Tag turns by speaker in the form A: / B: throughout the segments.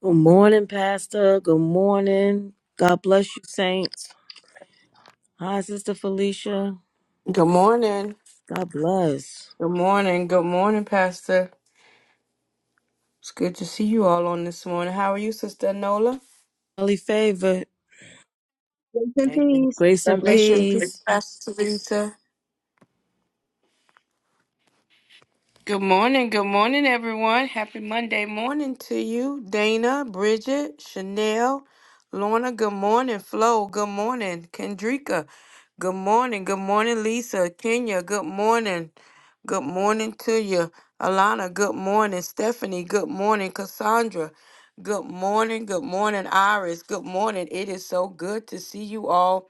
A: Good morning, Pastor. Good morning. God bless you, saints. Hi, Sister Felicia.
B: Good morning.
A: God bless.
B: Good morning. Good morning, Pastor. It's good to see you all on this morning. How are you, Sister Nola?
A: Highly favored.
C: Grace and
B: Amen.
C: peace.
A: Grace
C: God
A: and
B: Grace
C: bless
B: and
C: you.
B: peace,
A: peace.
B: Pastor Lisa. Good morning, good morning, everyone. Happy Monday morning to you, Dana, Bridget, Chanel, Lorna. Good morning, Flo. Good morning, Kendrika. Good morning, good morning, Lisa, Kenya. Good morning, good morning to you, Alana. Good morning, Stephanie. Good morning, Cassandra. Good morning, good morning, Iris. Good morning. It is so good to see you all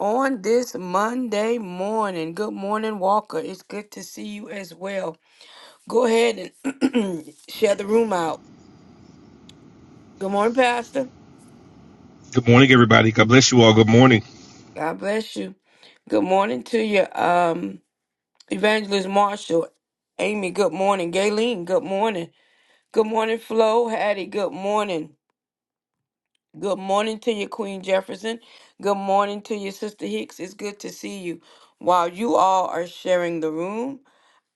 B: on this Monday morning. Good morning, Walker. It's good to see you as well. Go ahead and share the room out. Good morning, Pastor.
D: Good morning, everybody. God bless you all. Good morning.
B: God bless you. Good morning to you, um, Evangelist Marshall. Amy, good morning. Gayleen, good morning. Good morning, Flo. Hattie, good morning. Good morning to you, Queen Jefferson. Good morning to you, Sister Hicks. It's good to see you. While you all are sharing the room,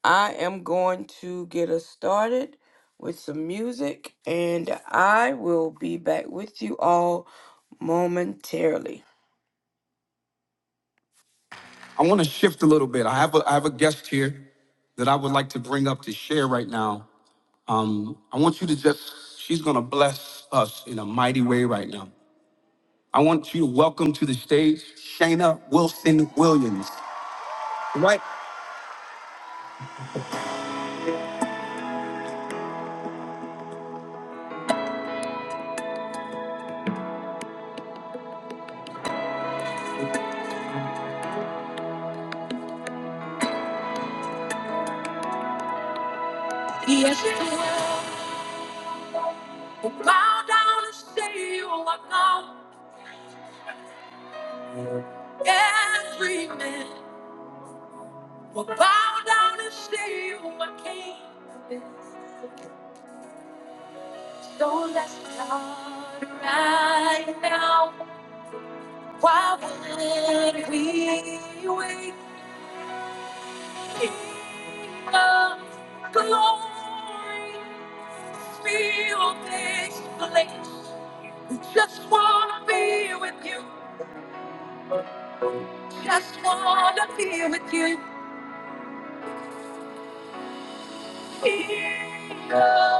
B: I am going to get us started with some music, and I will be back with you all momentarily. I want to shift a little bit. I have a, I have a guest here that I would like to bring up to share right now. Um, I want you to just, she's going to bless us in a mighty way right now. I want you to welcome to the stage Shayna Wilson Williams. Right? Yes, you will. Bow down and say you are gone. Every man will bow down and say you are king. So let's start right now. Why would we wait? King of glory, fill this place. We just wanna be with you. Just wanna be with you. King of glory,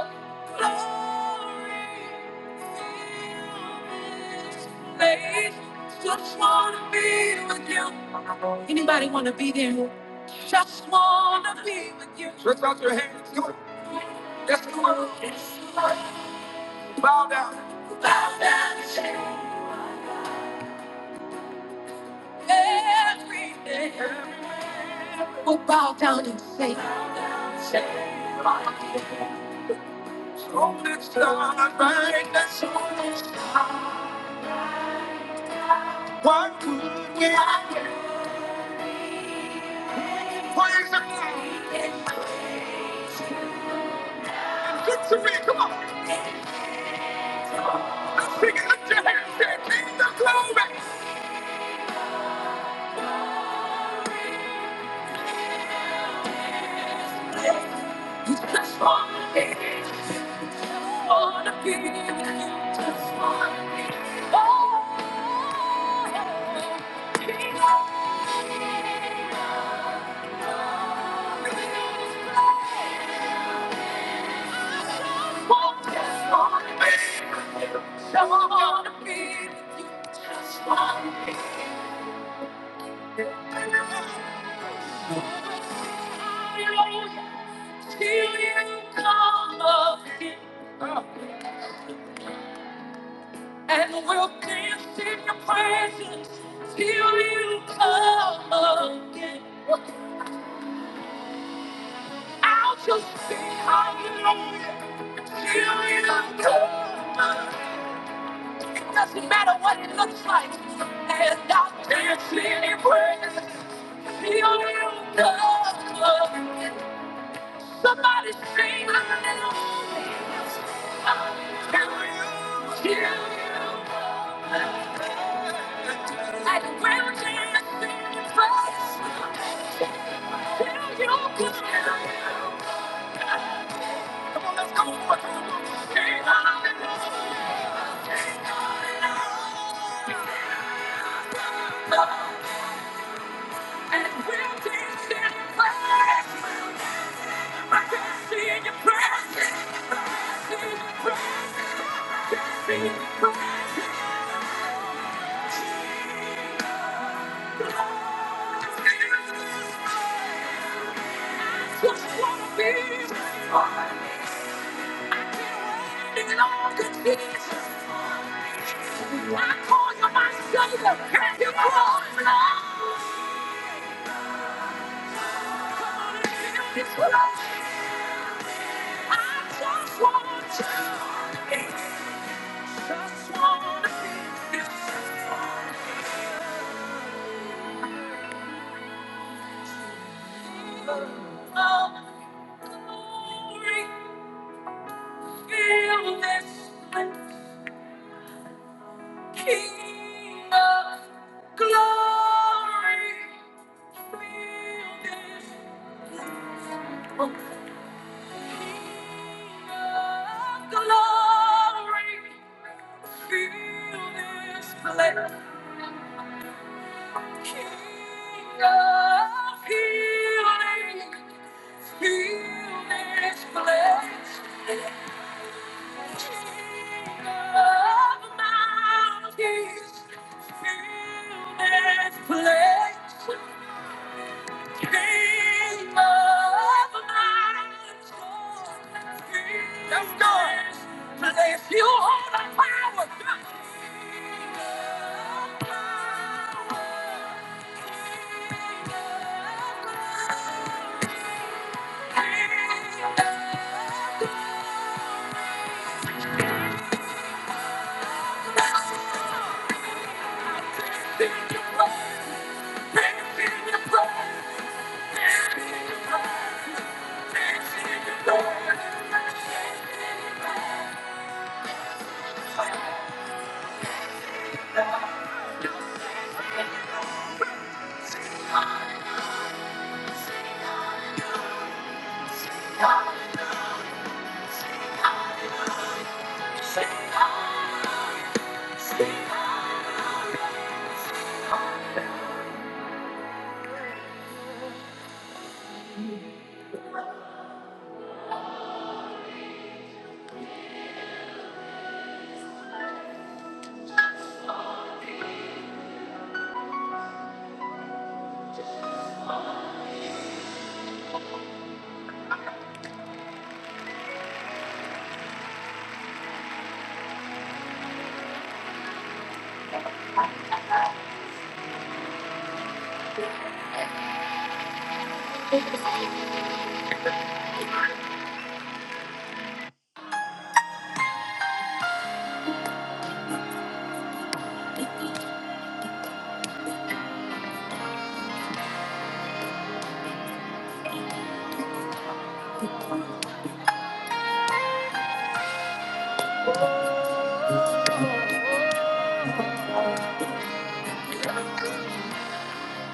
B: fill this place. Just wanna be with you. Anybody wanna be there? Just wanna be with you. Stretch out your hands. Come on. Yes, come on. Bow down. Bow down. and say Everything. Everywhere. We'll bow down and say. bow down and say, Oh, it's not right, that's all. What could we Praise the Lord. Look to me, come on. Let's sing it, lift your hands, say, King of glory. Just wanna be You You just just just just wanna wanna wanna wanna be. loved, be. loved. Just wanna be. Oh, with you. Just wanna be. Hallelujah. Till you come again. And we'll dance in your presence till you come again. I'll just be hallelujah till you come again. It doesn't matter what it looks like. And I'll dance in your presence till you come again. Somebody scream hallelujah. Hear you. Like a ground in place. Hear you. good. Come on, let's go. Sing hallelujah. And we'll dance in your presence. I can see your presence. I can see your presence. I can see your presence. I just want to just glory, fill this place. King of glory, fill this place. Oh, King of glory, fill this place. King of healing, heal this place. King of mountains, fill this place. Let's go. Today, if you hold the power,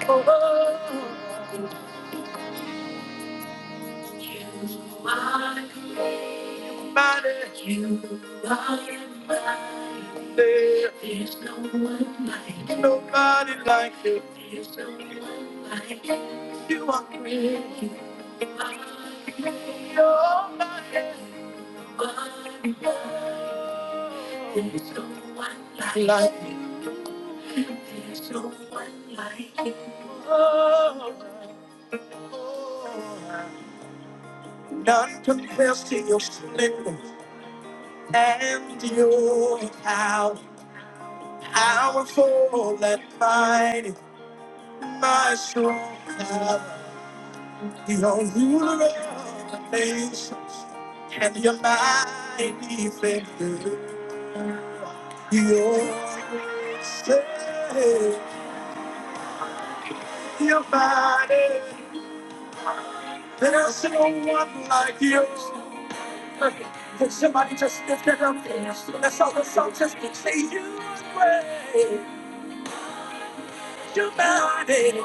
B: oh, oh, oh. Nobody there. There's no one like you. Nobody like you. There's no one like you. You are great. You're my everything. You're safe. Your body. There's no one like you. Can somebody just lift it up? Let's all the song just say you are great. Your body.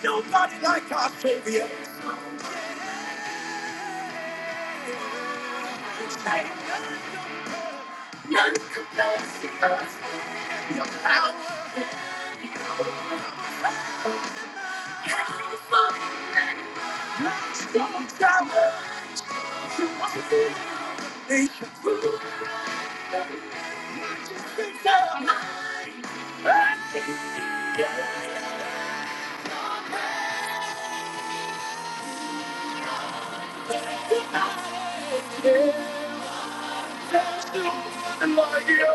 B: Nobody like our Savior. None compares to us. He's no one like you.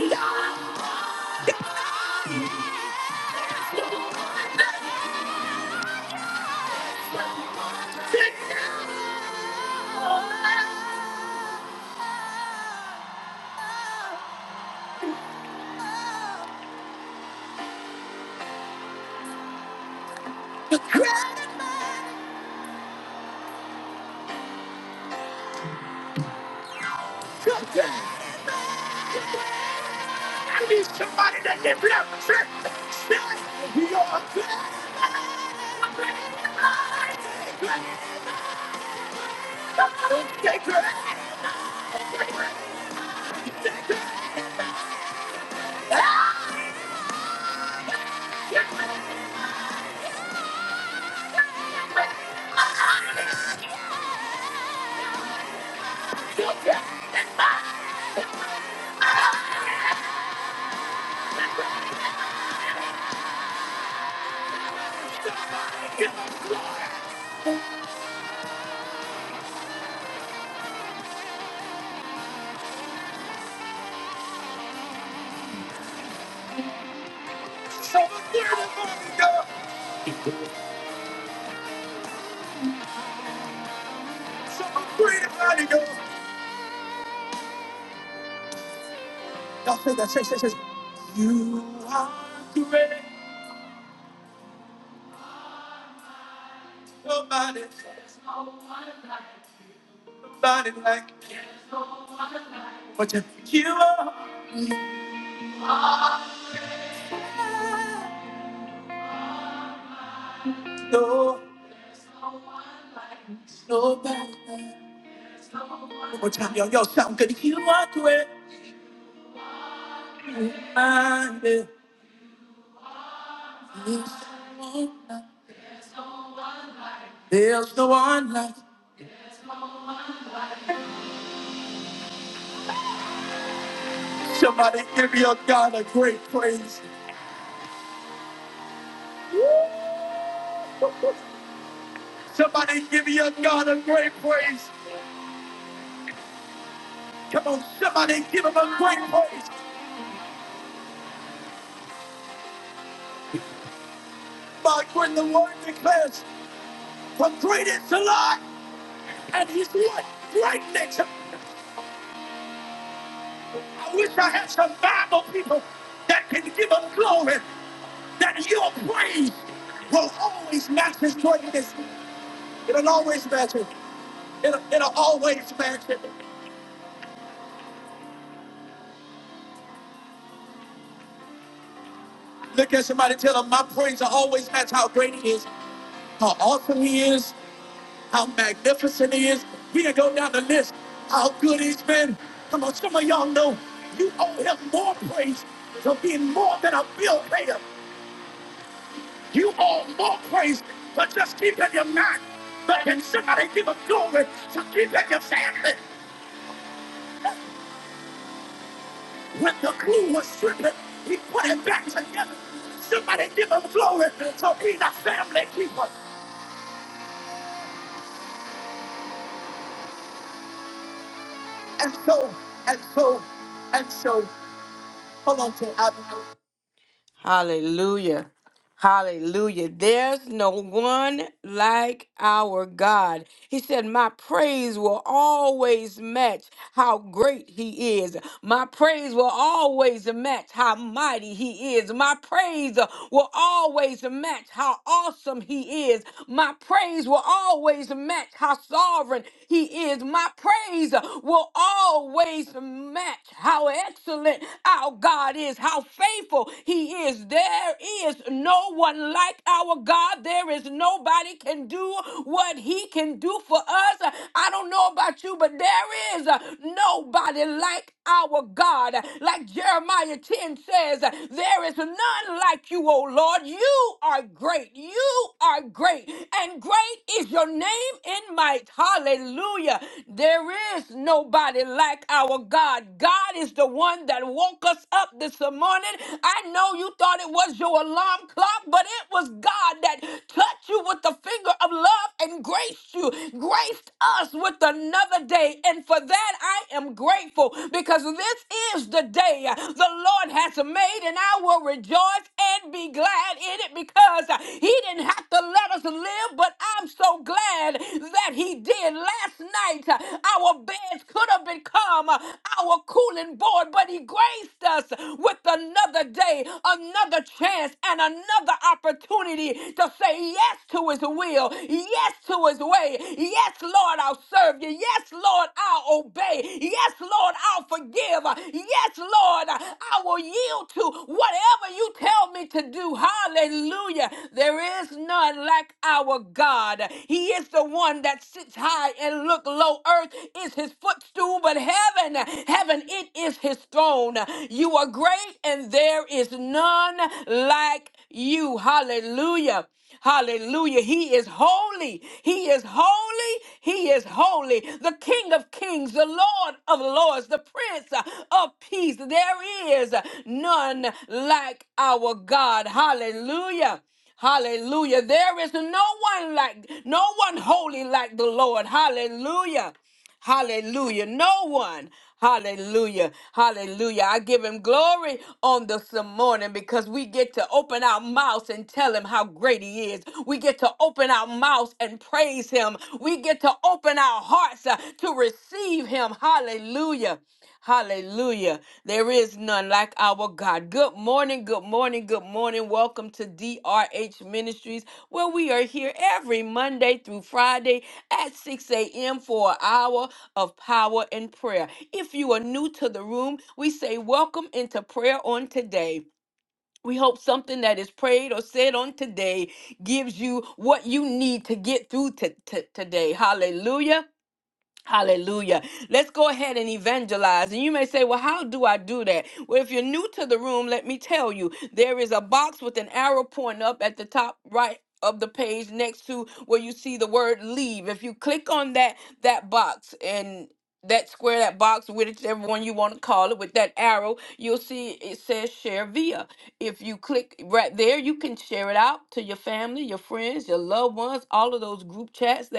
B: Yeah. I need somebody that can bless me. You're a So afraid of So Y'all say You are great. Nobody, nobody, you are great. There's no one like you. Somebody give your God a great praise. Somebody give your God a great praise. Come on, somebody give him a great praise. about what great He is, how awesome he is, how magnificent he is. Hear this, how good he's been. Come on, so more praise to being more than a bill payer. You all more praise, but just keep in your mind. But can somebody give a glory to keep in your faith? When the glue was stripping, he put it back together. Somebody give him glory to be the family keeper. And so, and so, and so, hold on to it. Hallelujah. Hallelujah. There's no one like our God. He said, My praise will always match how great He is. My praise will always match how mighty He is. My praise uh, will always match how awesome He is. My praise will always match how sovereign He is. My praise uh, will always match how excellent our God is, how faithful He is is. There is no one like our God. There is nobody can do what he can do for us. I don't know about you, but there is nobody like our God. Like Jeremiah 10 says, there is none like you, O Lord. You are great. You are great. And great is your name in might. Hallelujah. There is nobody like our God. God is the one that woke us up this morning. I know know you thought it was your alarm clock, but it was God that touched you with the finger of love and graced you, graced us with another day. And for that, I am grateful because this is the day the Lord has made, and I will rejoice and be glad in it because He didn't have to let us live, but I'm so glad that He did. Last night, our beds could have become our cooling board, but He graced us with another day another chance and another opportunity to say yes to his will, yes to his way. Yes, Lord, I'll serve you. Yes, Lord, I'll obey. Yes, Lord, I'll forgive. Yes, Lord, I will yield to whatever you tell me to do. Hallelujah. There is none like our God. He is the one that sits high and look low. Earth is his footstool, but heaven, heaven, it is his throne. You are great and there is none like you. Hallelujah. Hallelujah. He is holy. He is holy. He is holy. The King of Kings, the Lord of Lords, the Prince of Peace. There is none like our God. Hallelujah. Hallelujah. There is no one like, no one holy like the Lord. Hallelujah. Hallelujah. No one. Hallelujah. Hallelujah. I give him glory on this morning because we get to open our mouths and tell him how great he is. We get to open our mouths and praise him. We get to open our hearts uh, to receive him. Hallelujah. Hallelujah. There is none like our God. Good morning, good morning, good morning. Welcome to DRH Ministries, where we are here every Monday through Friday at 6 a.m. for an hour of power and prayer. If you are new to the room, we say welcome into prayer on today. We hope something that is prayed or said on today gives you what you need to get through to, to- today. Hallelujah. Hallelujah. Let's go ahead and evangelize. And you may say, Well, how do I do that? Well, if you're new to the room, let me tell you there is a box with an arrow pointing up at the top right of the page next to where you see the word leave. If you click on that that box and that square, that box, whichever one you want to call it, with that arrow, you'll see it says share via. If you click right there, you can share it out to your family, your friends, your loved ones, all of those group chats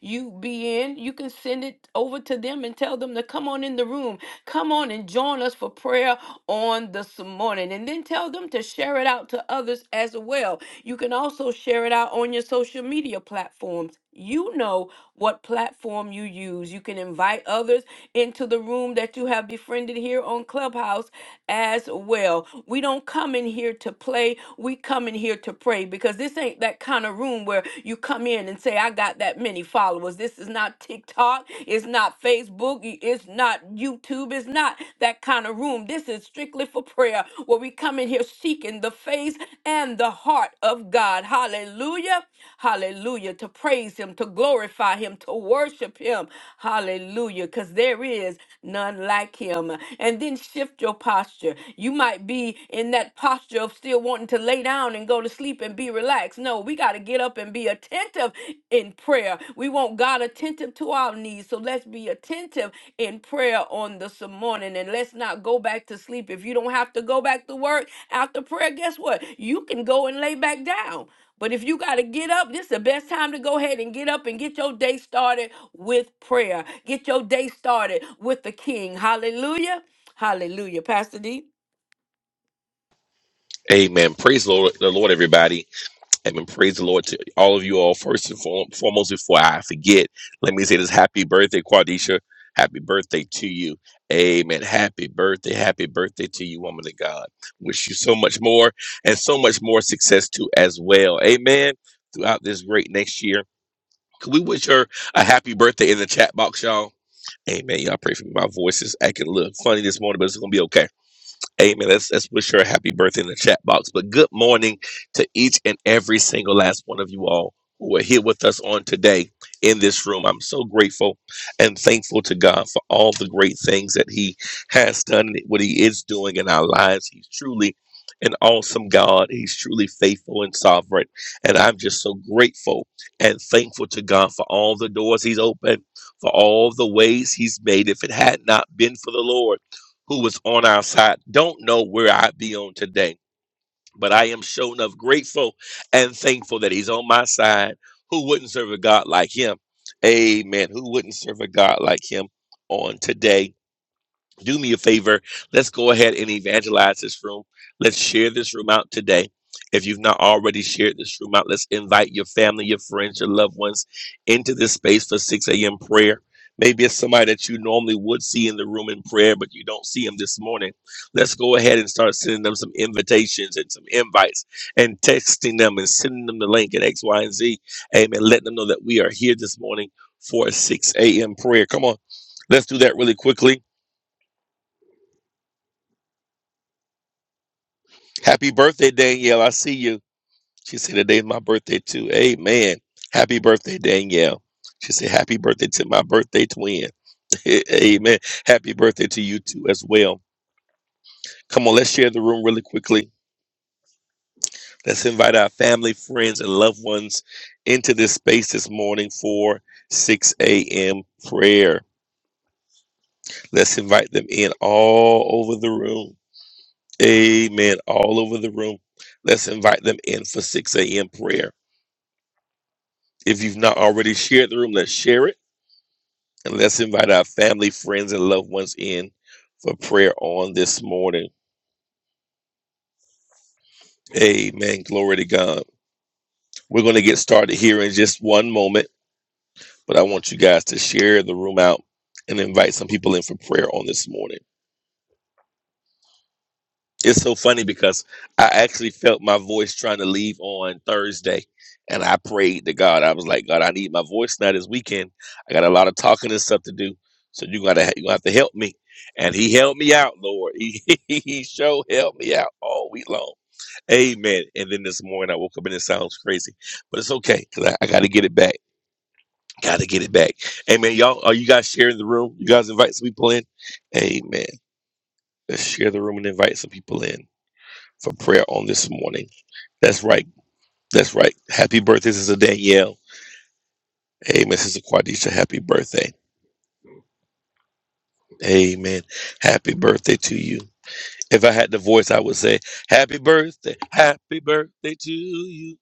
B: you be in, you can send it over to them and tell them to come on in the room. Come on and join us for prayer on this morning. And then tell them to share it out to others as well. You can also share it out on your social media platforms. You know what platform you use. You can invite others into the room that you have befriended here on Clubhouse as well. We don't come in here to play, we come in here to pray because this ain't that kind of room where you come in and say, I got that many followers. This is not TikTok, it's not Facebook, it's not YouTube, it's not that kind of room. This is strictly for prayer where we come in here seeking the face and the heart of God. Hallelujah. Hallelujah. To praise Him, to glorify Him, to worship Him him. Hallelujah. Because there is none like him. And then shift your posture. You might be in that posture of still wanting to lay down and go to sleep and be relaxed. No, we got to get up and be attentive in prayer. We want God attentive to our needs. So let's be attentive in prayer on this morning and let's not go back to sleep. If you don't have to go back to work after prayer, guess what? You can go and lay back down. But if you got to get up, this is the best time to go ahead and get up and get your day started with prayer. Get your day started with the King. Hallelujah. Hallelujah. Pastor D.
D: Amen. Praise the Lord, the Lord, everybody. Amen. Praise the Lord to all of you all. First and fore- foremost, before I forget, let me say this happy birthday, Quadisha. Happy birthday to you. Amen. Happy birthday. Happy birthday to you, woman of God. Wish you so much more and so much more success too as well. Amen. Throughout this great next year. Could we wish her a happy birthday in the chat box, y'all? Amen. Y'all pray for me. My voice is acting a little funny this morning, but it's gonna be okay. Amen. Let's, let's wish her a happy birthday in the chat box. But good morning to each and every single last one of you all who are here with us on today in this room. I'm so grateful and thankful to God for all the great things that He has done, and what He is doing in our lives. He's truly an awesome God. He's truly faithful and sovereign. And I'm just so grateful and thankful to God for all the doors He's opened, for all the ways He's made. If it had not been for the Lord, who was on our side. Don't know where I'd be on today, but I am sure enough grateful and thankful that he's on my side. Who wouldn't serve a God like him? Amen. Who wouldn't serve a God like him on today? do me a favor. Let's go ahead and evangelize this room. Let's share this room out today. If you've not already shared this room out, let's invite your family, your friends, your loved ones into this space for 6 a.m. prayer. Maybe it's somebody that you normally would see in the room in prayer, but you don't see them this morning. Let's go ahead and start sending them some invitations and some invites and texting them and sending them the link at X, Y, and Z. Amen. Letting them know that we are here this morning for a 6 a.m. prayer. Come on, let's do that really quickly Happy birthday, Danielle. I see you. She said, Today's my birthday too. Amen. Happy birthday, Danielle. She said, Happy birthday to my birthday twin. Amen. Happy birthday to you too as well. Come on, let's share the room really quickly. Let's invite our family, friends, and loved ones into this space this morning for 6 a.m. prayer. Let's invite them in all over the room. Amen. All over the room. Let's invite them in for 6 a.m. prayer. If you've not already shared the room, let's share it and let's invite our family, friends, and loved ones in for prayer on this morning. Amen. Glory to God. We're going to get started here in just one moment, but I want you guys to share the room out and invite some people in for prayer on this morning. It's so funny because I actually felt my voice trying to leave on Thursday. And I prayed to God. I was like, God, I need my voice now this weekend. I got a lot of talking and stuff to do. So you gotta you gonna have to help me. And he helped me out, Lord. He he sure helped me out all week long. Amen. And then this morning I woke up and it sounds crazy. But it's okay. Cause I, I gotta get it back. Gotta get it back. Amen. Y'all are you guys sharing the room? You guys invite some people in? Amen. Let's share the room and invite some people in for prayer on this morning. That's right. That's right. Happy birthday, Sister Danielle. Amen, Sister Quadisha. Happy birthday. Amen. Happy birthday to you. If I had the voice, I would say, Happy birthday. Happy birthday to you.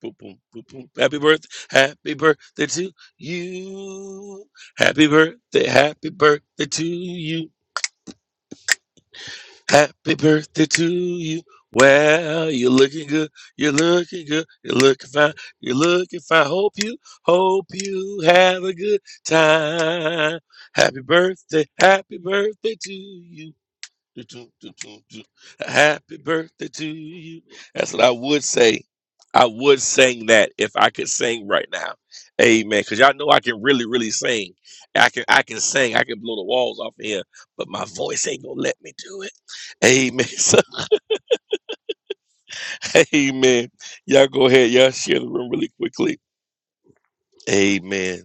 D: Boom, boom, boom, boom. Happy birthday. Happy birthday to you. Happy birthday. Happy birthday to you. Happy birthday to you. Well, you're looking good. You're looking good. You're looking fine. You're looking fine. Hope you, hope you have a good time. Happy birthday. Happy birthday to you. Do, do, do, do, do. Happy birthday to you. That's what I would say. I would sing that if I could sing right now. Amen. Because y'all know I can really, really sing. I can I can sing. I can blow the walls off here, but my voice ain't gonna let me do it. Amen. So, amen. Y'all go ahead. Y'all share the room really quickly. Amen.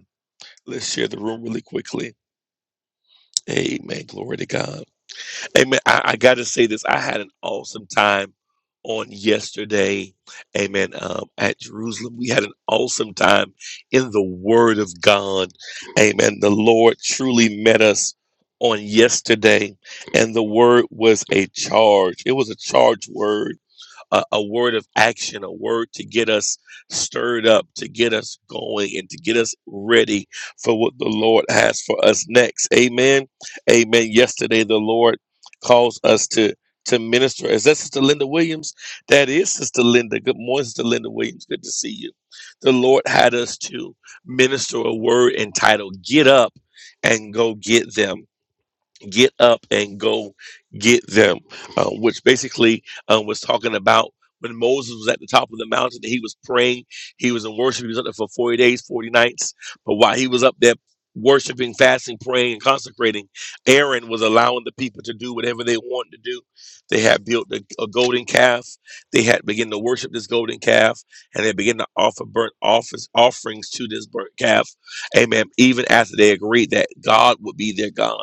D: Let's share the room really quickly. Amen. Glory to God. Amen. I, I got to say this. I had an awesome time on yesterday. Amen. Um, at Jerusalem, we had an awesome time in the Word of God. Amen. The Lord truly met us on yesterday, and the Word was a charge. It was a charged Word a, a word of action, a word to get us stirred up, to get us going, and to get us ready for what the Lord has for us next. Amen. Amen. Yesterday, the Lord calls us to to minister. Is that Sister Linda Williams? That is Sister Linda. Good morning, Sister Linda Williams. Good to see you. The Lord had us to minister a word entitled "Get Up and Go Get Them." get up and go get them, uh, which basically uh, was talking about when Moses was at the top of the mountain, he was praying, he was in worship, he was up there for 40 days, 40 nights. But while he was up there worshiping, fasting, praying, and consecrating, Aaron was allowing the people to do whatever they wanted to do. They had built a, a golden calf, they had begun to worship this golden calf, and they began to offer burnt office, offerings to this burnt calf. Amen. Even after they agreed that God would be their God.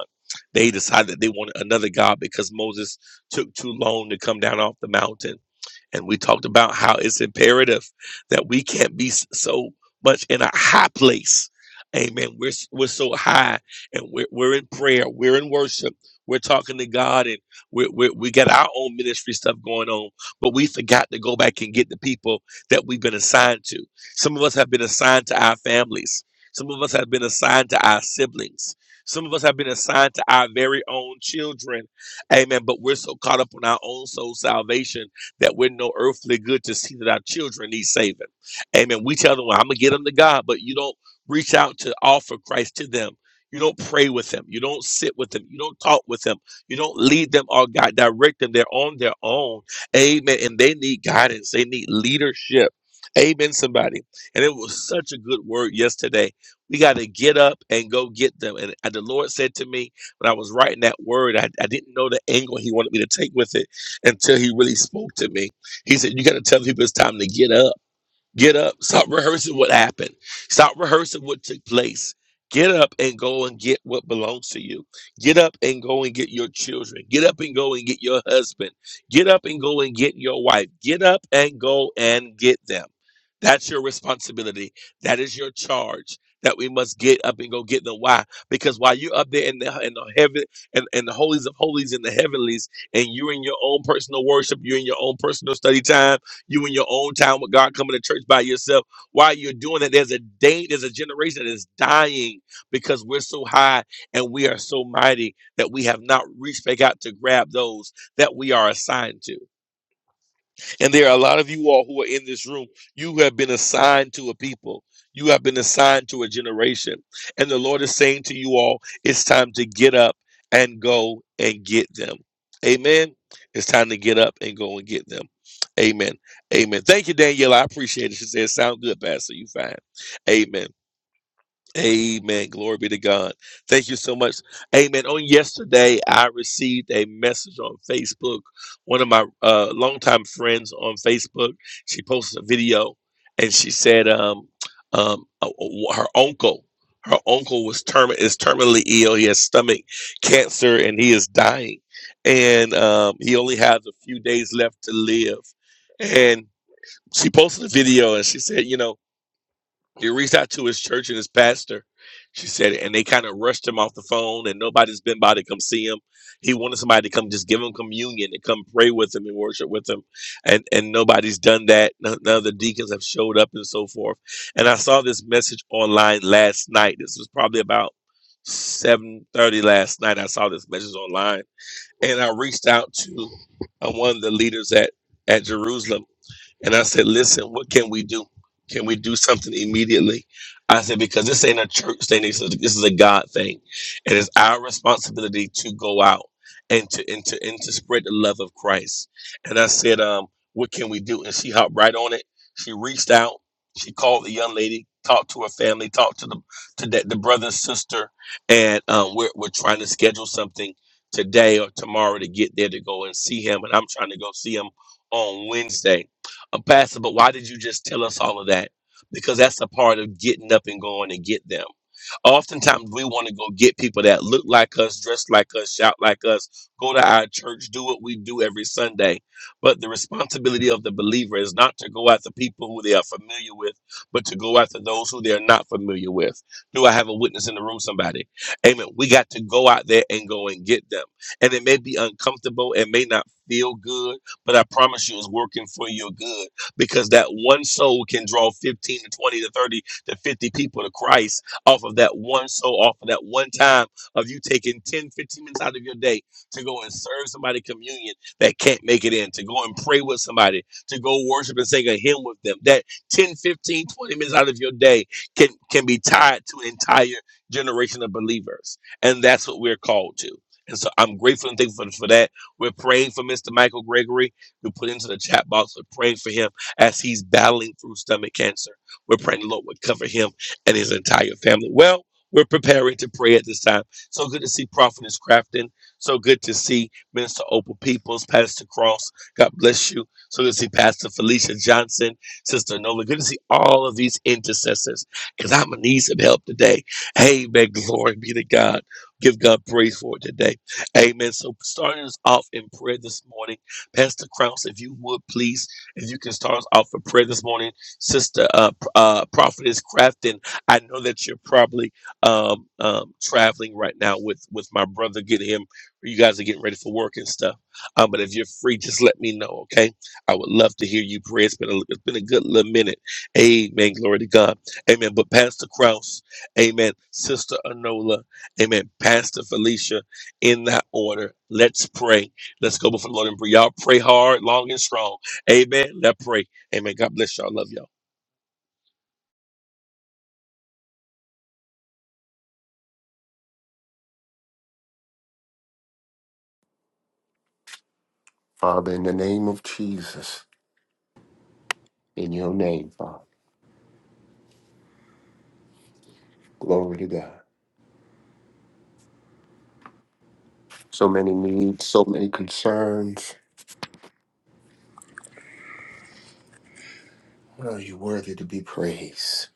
D: They decided they wanted another God because Moses took too long to come down off the mountain. And we talked about how it's imperative that we can't be s- so much in a high place. Amen. We're, s- we're so high and we're, we're in prayer, we're in worship, we're talking to God, and we we we got our own ministry stuff going on, but we forgot to go back and get the people that we've been assigned to. Some of us have been assigned to our families, some of us have been assigned to our siblings. Some of us have been assigned to our very own children Amen. But we're so caught up on our own soul salvation that we're no earthly good to see that our children need saving. Amen. We tell them, well, I'm going to get them to God, but you don't reach out to offer Christ to them. You don't pray with them. You don't sit with them. You don't talk with them. You don't lead them or God direct them. They're on their own. Amen. And they need guidance. They need leadership. Amen, somebody. And it was such a good word yesterday. We got to get up and go get them. And uh, the Lord said to me when I was writing that word, I, I didn't know the angle He wanted me to take with it until he really spoke to me. He said, You got to tell people it's time to get up. Get up. Stop rehearsing what happened. Stop rehearsing what took place. Get up and go and get what belongs to you. Get up and go and get your children. Get up and go and get your husband. Get up and go and get your wife. Get up and go and get them. That's your responsibility. That is your charge. That we must get up and go get them. Why? Because while you're up there in the in the heaven and in, in the holies of holies in the heavenlies, and you're in your own personal worship, you're in your own personal study time you in your own time with God coming to church by yourself. While you're doing that, there's a day, there's a generation that is dying because we're so high and we are so mighty that we have not reached back out to grab those that we are assigned to. And there are a lot of you all who are in this room. You have been assigned to a people, you have been assigned to a generation. And the Lord is saying to you all, it's time to get up and go and get them. Amen. It's time to get up and go and get them. Amen. Amen. Thank you, Danielle. I appreciate it. She said, sound good, Pastor. You fine. Amen. Amen. Glory be to God. Thank you so much. Amen. On yesterday, I received a message on Facebook. One of my uh, longtime friends on Facebook, she posted a video, and she said, um, um, uh, uh, her uncle, her uncle was term is terminally ill. He has stomach cancer, and he is dying, and um, he only has a few days left to live. And she posted a video, and she said, you know. He reached out to his church and his pastor. She said, and they kind of rushed him off the phone, and nobody's been by to come see him. He wanted somebody to come just give him communion and come pray with him and worship with him, and and nobody's done that. None, none of the deacons have showed up and so forth. And I saw this message online last night. This was probably about seven thirty last night. I saw this message online, and I reached out to uh, one of the leaders at at Jerusalem and I said, listen, what can we do? Can we do something immediately? I said, because this ain't a church thing. This is, this is a God thing. And it's our responsibility to go out and to, and to, and to spread the love of Christ. And I said, um, what can we do? And she hopped right on it. She reached out. She called the young lady, talked to her family, talked to the, to the, the brother and sister. And um, we're, we're trying to schedule something today or tomorrow to get there to go and see him. And I'm trying to go see him on Wednesday uh, Pastor, but why did you just tell us all of that? Because that's a part of getting up and going and get them. Oftentimes, we want to go get people that look like us, dress like us, shout like us, go to our church, do what we do every Sunday. But the responsibility of the believer is not to go after people who they are familiar with, but to go after those who they are not familiar with. Do I have a witness in the room, somebody? Amen. We got to go out there and go and get them. And it may be uncomfortable, it may not feel good but I promise you it's working for your good because that one soul can draw 15 to 20 to 30 to 50 people to Christ off of that one soul, off of that one time of you taking 10, 15 minutes out of your day to go and serve somebody communion that can't make it in, to go and pray with somebody, to go worship and sing a hymn with them. That 10, 15, 20 minutes out of your day can, can be tied to an entire generation of believers. And that's what we're called to. And so I'm grateful and thankful for for that. We're praying for Mr. Michael Gregory who put into the chat box. We're praying for him as he's battling through stomach cancer. We're praying the Lord would cover him and his entire family. Well, we're preparing to pray at this time. So good to see Prophetess Crafton. So good to see Minister Opal Peoples, Pastor Cross. God bless you. So good to see Pastor Felicia Johnson, Sister Nola. Good to see all of these intercessors because I'm going to need some help today. Amen. Glory be to God. Give God praise for it today. Amen. So starting us off in prayer this morning. Pastor Krause, if you would please, if you can start us off for prayer this morning, Sister uh, P- uh, Prophetess Crafton. I know that you're probably um, um, traveling right now with with my brother, getting him. You guys are getting ready for work and stuff. Um, but if you're free, just let me know, okay? I would love to hear you pray. It's been a, it's been a good little minute. Amen. Glory to God. Amen. But Pastor Krause, Amen. Sister Anola, Amen. Pastor Felicia, in that order. Let's pray. Let's go before the Lord and pray. Y'all pray hard, long and strong. Amen. Let's pray. Amen. God bless y'all. Love y'all.
E: Father, in the name of Jesus, in your name, Father. Glory to God. So many needs, so many concerns. Oh, you're worthy to be praised.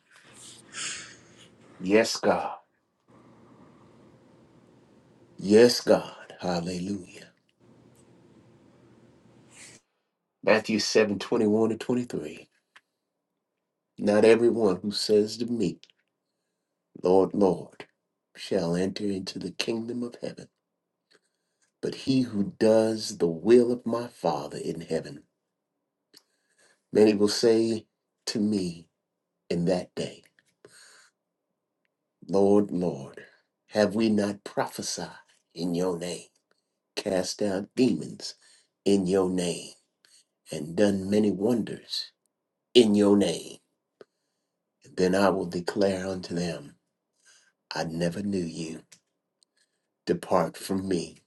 E: Yes, God. Yes, God. Hallelujah. Matthew 7 21 to 23. Not everyone who says to me, Lord, Lord, shall enter into the kingdom of heaven, but he who does the will of my Father in heaven. Many will say to me in that day. Lord, Lord, have we not prophesied in your name, cast out demons in your name, and done many wonders in your name? Then I will declare unto them, I never knew you. Depart from me,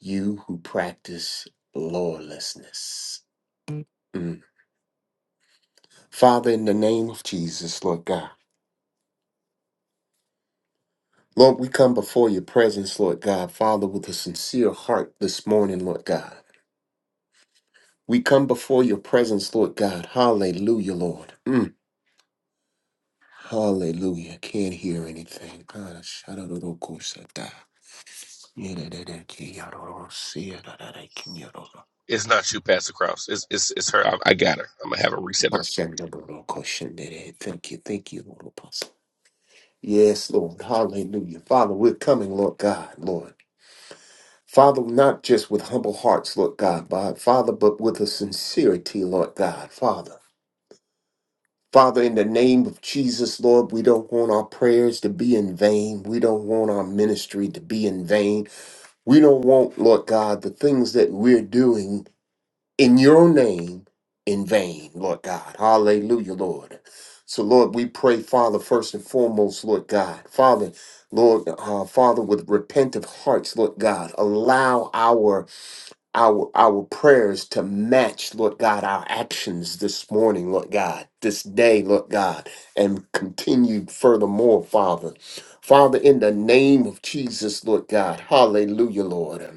E: you who practice lawlessness. Mm. Father, in the name of Jesus, Lord God. Lord, we come before your presence, Lord God, Father, with a sincere heart this morning, Lord God. We come before your presence, Lord God. Hallelujah, Lord. Mm. Hallelujah. Can't hear anything. God, I shout out to the course of that. Yeah, da, da, da, ki, ya, da, da, si, ya, da, da, da, ki, ya, da, da.
D: It's not you, Pastor Krause. It's it's, it's her. I, I got her. I'm gonna have her reset her.
E: I shout out to the course of that. Thank you, thank you, Lord Apostle. Yes, Lord. Hallelujah. Father, we're coming, Lord God, Lord. Father, not just with humble hearts, Lord God, but Father, but with a sincerity, Lord God, Father. Father, in the name of Jesus, Lord, we don't want our prayers to be in vain. We don't want our ministry to be in vain. We don't want, Lord God, the things that we're doing in your name in vain, Lord God. Hallelujah, Lord. So, Lord, we pray, Father, first and foremost, Lord God. Father, Lord, uh, Father, with repentant hearts, Lord God, allow our our our prayers to match, Lord God, our actions this morning, Lord God, this day, Lord God, and continue furthermore, Father. Father, in the name of Jesus, Lord God, hallelujah, Lord.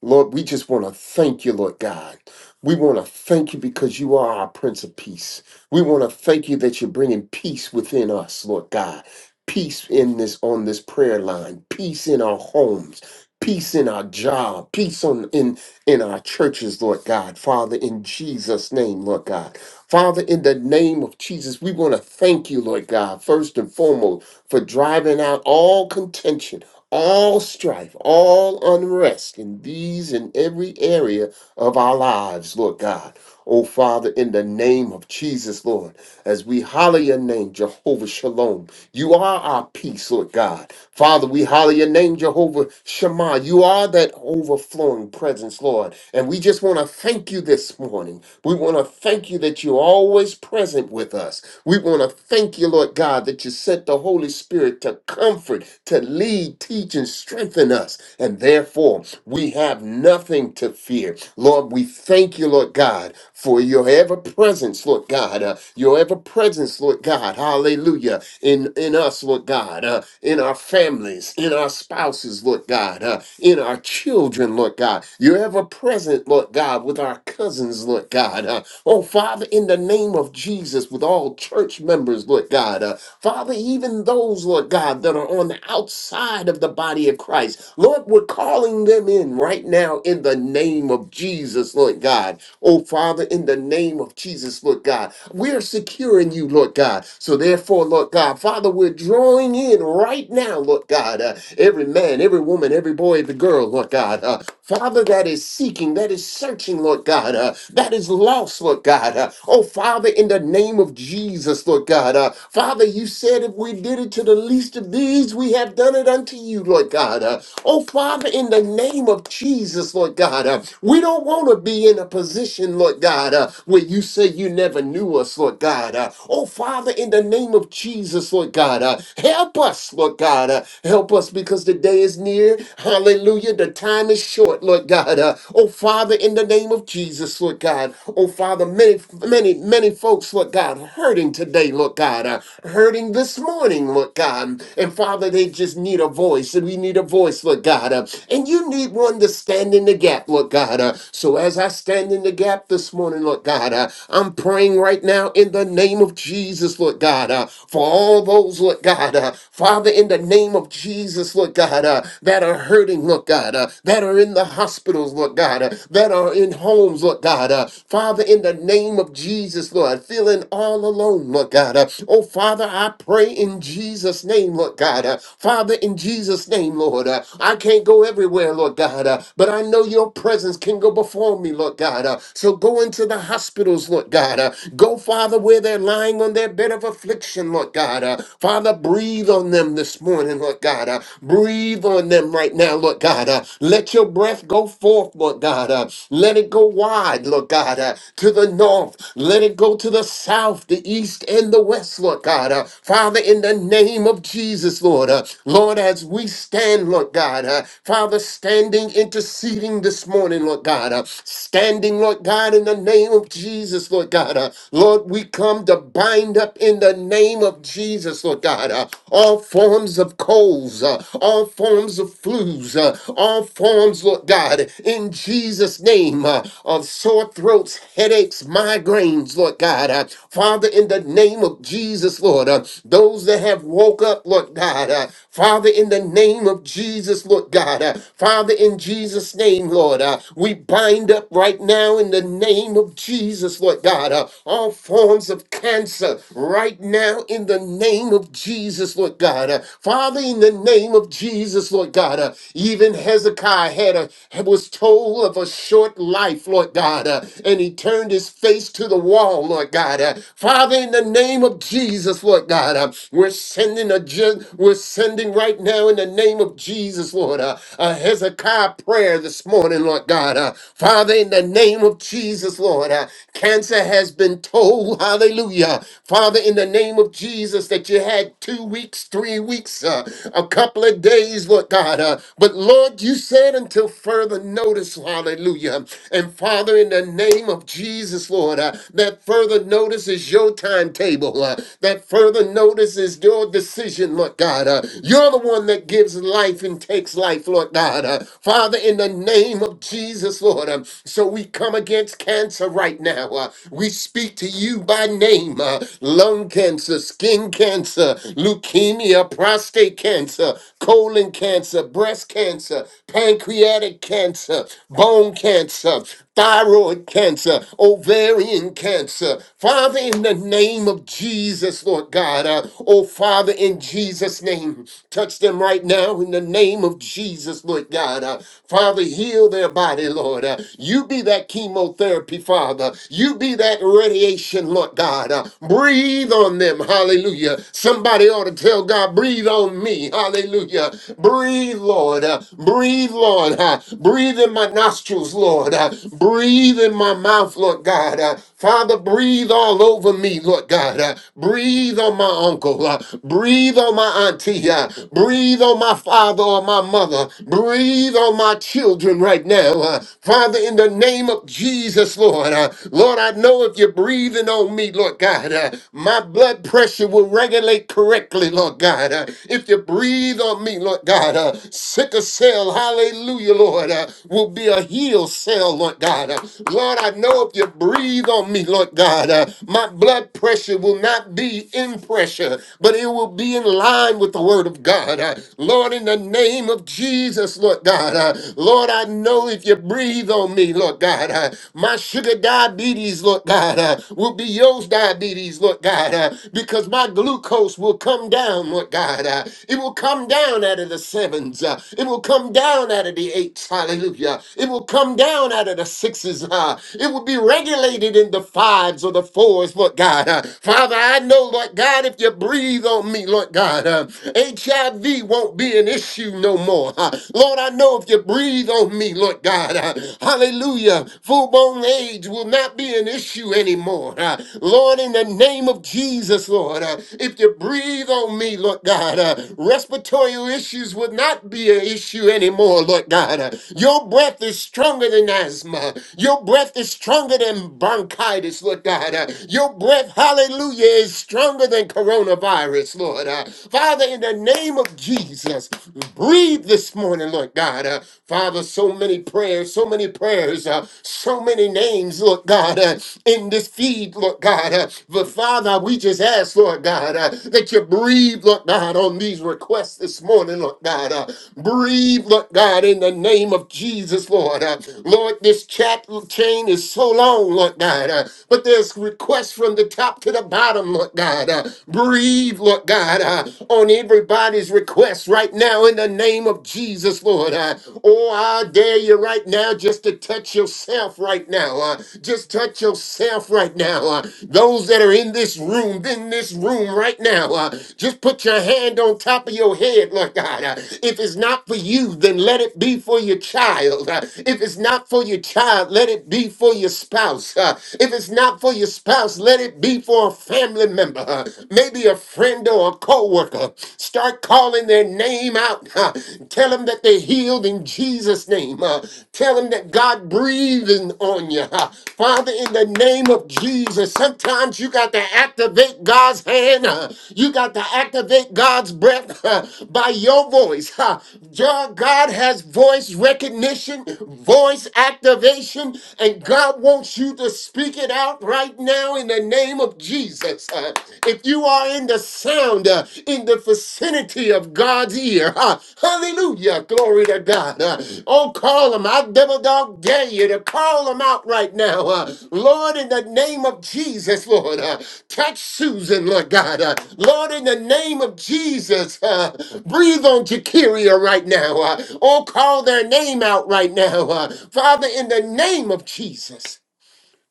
E: Lord, we just want to thank you, Lord God. We want to thank you because you are our Prince of Peace. We want to thank you that you're bringing peace within us, Lord God. Peace in this on this prayer line. Peace in our homes. Peace in our job. Peace on in in our churches, Lord God. Father, in Jesus' name, Lord God. Father, in the name of Jesus, we want to thank you, Lord God, first and foremost, for driving out all contention all strife, all unrest in these and every area of our lives, Lord God. Oh, Father, in the name of Jesus, Lord, as we holler your name, Jehovah Shalom, you are our peace, Lord God. Father, we holler your name, Jehovah Shema. You are that overflowing presence, Lord. And we just want to thank you this morning. We want to thank you that you're always present with us. We want to thank you, Lord God, that you sent the Holy Spirit to comfort, to lead, teach, and strengthen us. And therefore, we have nothing to fear. Lord, we thank you, Lord God, for your ever presence, Lord God, uh, your ever presence, Lord God, hallelujah, in, in us, Lord God, uh, in our families, in our spouses, Lord God, uh, in our children, Lord God. You're ever present, Lord God, with our cousins, Lord God. uh, Oh, Father, in the name of Jesus, with all church members, Lord God, uh, Father, even those, Lord God, that are on the outside of the body of Christ, Lord, we're calling them in right now in the name of Jesus, Lord God. Oh, Father, in the name of Jesus, Lord God, we're secure in you, Lord God. So therefore, Lord God, Father, we're drawing in right now, Lord God, uh, every man, every woman, every boy, every girl, Lord God, uh, Father, that is seeking, that is searching, Lord God, uh, that is lost, Lord God. Uh, oh, Father, in the name of Jesus, Lord God. Uh, Father, you said if we did it to the least of these, we have done it unto you, Lord God. Uh, oh, Father, in the name of Jesus, Lord God. Uh, we don't want to be in a position, Lord God, uh, where you say you never knew us, Lord God. Uh, oh, Father, in the name of Jesus, Lord God. Uh, help us, Lord God. Uh, help us because the day is near. Hallelujah. The time is short, Lord God. Uh, oh, Father, in the name of Jesus, Lord God. Oh, Father. Father, many, many, many folks, Lord God, hurting today, Lord God, uh, hurting this morning, Lord God. And Father, they just need a voice, and we need a voice, Lord God. uh, and you need one to stand in the gap, Lord God. uh. so as I stand in the gap this morning, Lord God, uh, I'm praying right now in the name of Jesus, Lord God, uh, for all those, Lord God, uh, Father, in the name of Jesus, Lord God, uh, that are hurting, Lord God, uh, that are in the hospitals, Lord God, uh, that are in homes, Lord God, uh, Father, in the in the name of Jesus, Lord, feeling all alone, Lord God. Uh, Oh, Father, I pray in Jesus' name, Lord God. Uh, Father, in Jesus' name, Lord, uh, I can't go everywhere, Lord God, uh, but I know your presence can go before me, Lord God. Uh, So go into the hospitals, Lord God. Uh, Go, Father, where they're lying on their bed of affliction, Lord God. Uh, Father, breathe on them this morning, Lord God. Uh, Breathe on them right now, Lord God. Uh, Let your breath go forth, Lord God. Uh, Let it go wide, Lord God, uh, to to the north. Let it go to the south, the east, and the west, Lord God. Uh, Father, in the name of Jesus, Lord. uh, Lord, as we stand, Lord God. uh, Father, standing, interceding this morning, Lord God. uh, standing, Lord God, in the name of Jesus, Lord God. uh, Lord, we come to bind up in the name of Jesus, Lord God. uh, all forms of colds, uh, all forms of flus, uh, all forms, Lord God, in Jesus' name, uh, of sore throats, headaches headaches, migraines, Lord God. Uh, Father, in the name of Jesus, Lord, uh, those that have woke up, Lord God. Uh, Father, in the name of Jesus, Lord God. Uh, Father, in Jesus' name, Lord, uh, we bind up right now in the name of Jesus, Lord God. Uh, all forms of cancer right now in the name of Jesus, Lord God. Uh, Father, in the name of Jesus, Lord God. Uh, even Hezekiah had a was told of a short life, Lord God, uh, and he turned turned his face to the wall, Lord God. Uh, Father, in the name of Jesus, Lord God, uh, we're sending a gen- we're sending right now in the name of Jesus, Lord, uh, a Hezekiah prayer this morning, Lord God. Uh, Father, in the name of Jesus, Lord, uh, cancer has been told, hallelujah. Father, in the name of Jesus, that you had two weeks, three weeks, uh, a couple of days, Lord God. Uh, but Lord, you said until further notice, hallelujah. And Father, in the name of Jesus, Jesus, Lord. Uh, that further notice is your timetable. Uh, that further notice is your decision, Lord God. Uh, you're the one that gives life and takes life, Lord God. Uh, Father, in the name of Jesus, Lord. um, so we come against cancer right now. Uh, we speak to you by name uh, lung cancer, skin cancer, leukemia, prostate cancer, colon cancer, breast cancer, pancreatic cancer, bone cancer thyroid cancer, ovarian cancer. Father, in the name of Jesus, Lord God, uh, oh Father, in Jesus' name, touch them right now in the name of Jesus, Lord God. Uh, Father, heal their body, Lord. Uh, you be that chemotherapy, Father. You be that radiation, Lord God. Uh, breathe on them, hallelujah. Somebody ought to tell God, breathe on me, hallelujah. Breathe, Lord. Uh, breathe Breathe, Lord. uh, Breathe in my nostrils, Lord. uh, Breathe in my mouth, Lord God. uh, Father, breathe all over me, Lord God. uh, Breathe on my uncle. uh, Breathe on my auntie. uh, Breathe on my father or my mother. Breathe on my children right now. uh, Father, in the name of Jesus, Lord. uh, Lord, I know if you're breathing on me, Lord God, uh, my blood pressure will regulate correctly, Lord God. Uh, if you're if you breathe on me, Lord God. Uh, sicker cell, hallelujah, Lord, uh, will be a healed cell, Lord God. Uh, Lord, I know if you breathe on me, Lord God, uh, my blood pressure will not be in pressure, but it will be in line with the word of God. Uh, Lord, in the name of Jesus, Lord God, uh, Lord, I know if you breathe on me, Lord God, uh, my sugar diabetes, Lord God, uh, will be yours diabetes, Lord God. uh, because my glucose will come down, Lord God. Uh, it will come down out of the sevens. Uh, it will come down out of the eights. Hallelujah. It will come down out of the sixes. Uh, it will be regulated in the fives or the fours, Lord God. Uh, Father, I know, Lord God, if you breathe on me, Lord God, uh, HIV won't be an issue no more. Uh, Lord, I know if you breathe on me, Lord God, uh, hallelujah, full bone age will not be an issue issue anymore. Uh, Lord, in the name of Jesus, Lord, uh, if you breathe on me, Lord God, uh, respiratory issues would not be an issue anymore, Lord God. Uh, your breath is stronger than asthma. Your breath is stronger than bronchitis, Lord God. Uh, your breath, hallelujah, is stronger than coronavirus, Lord. Uh, Father, in the name of Jesus, breathe this morning, Lord God. Uh, Father, so many prayers, so so many prayers, uh, so many names, Lord God, uh, in this feed, Lord God. uh, but Father, we just ask, Lord God, uh, that you breathe, Lord God, on these requests this morning, Lord God. uh, breathe, Lord God, in the name of Jesus, Lord. uh, Lord, this chat chain is so long, Lord God, uh, but there's requests from the top to the bottom, Lord God. uh, breathe, Lord God, uh, on everybody's request right now in the name of of Jesus, Lord. Uh, oh, I dare you right now just to touch yourself right now. Uh, just touch yourself right now. Uh, those that are in this room, in this room right now, uh, just put your hand on top of your head, Lord God. Uh, if it's not for you, then let it be for your child. Uh, if it's not for your child, let it be for your spouse. Uh, if it's not for your spouse, let it be for a family member, uh, maybe a friend or a coworker co-worker. Start calling their name out. Uh, Tell them that they're healed in Jesus' name. Uh, Tell them that God breathing on you. Uh, Father, in the name of Jesus, sometimes you got to activate God's hand. Uh, You got to activate God's breath uh, by your voice. Uh, Jah- God has voice recognition, voice activation, and God wants you to speak it out right now in the name of Jesus, uh, if you are in the sound, uh, in the vicinity of God's ear, uh, hallelujah, glory to God. Uh, oh, call him. I devil dog dare you to call him out right now. Uh, Lord, in the name of Jesus, Lord, uh, touch Susan, Lord God. Uh, Lord, in the name of Jesus, uh, breathe on Jakiria right now. Uh, oh, call their name out right now. Uh, Father, in the name of Jesus,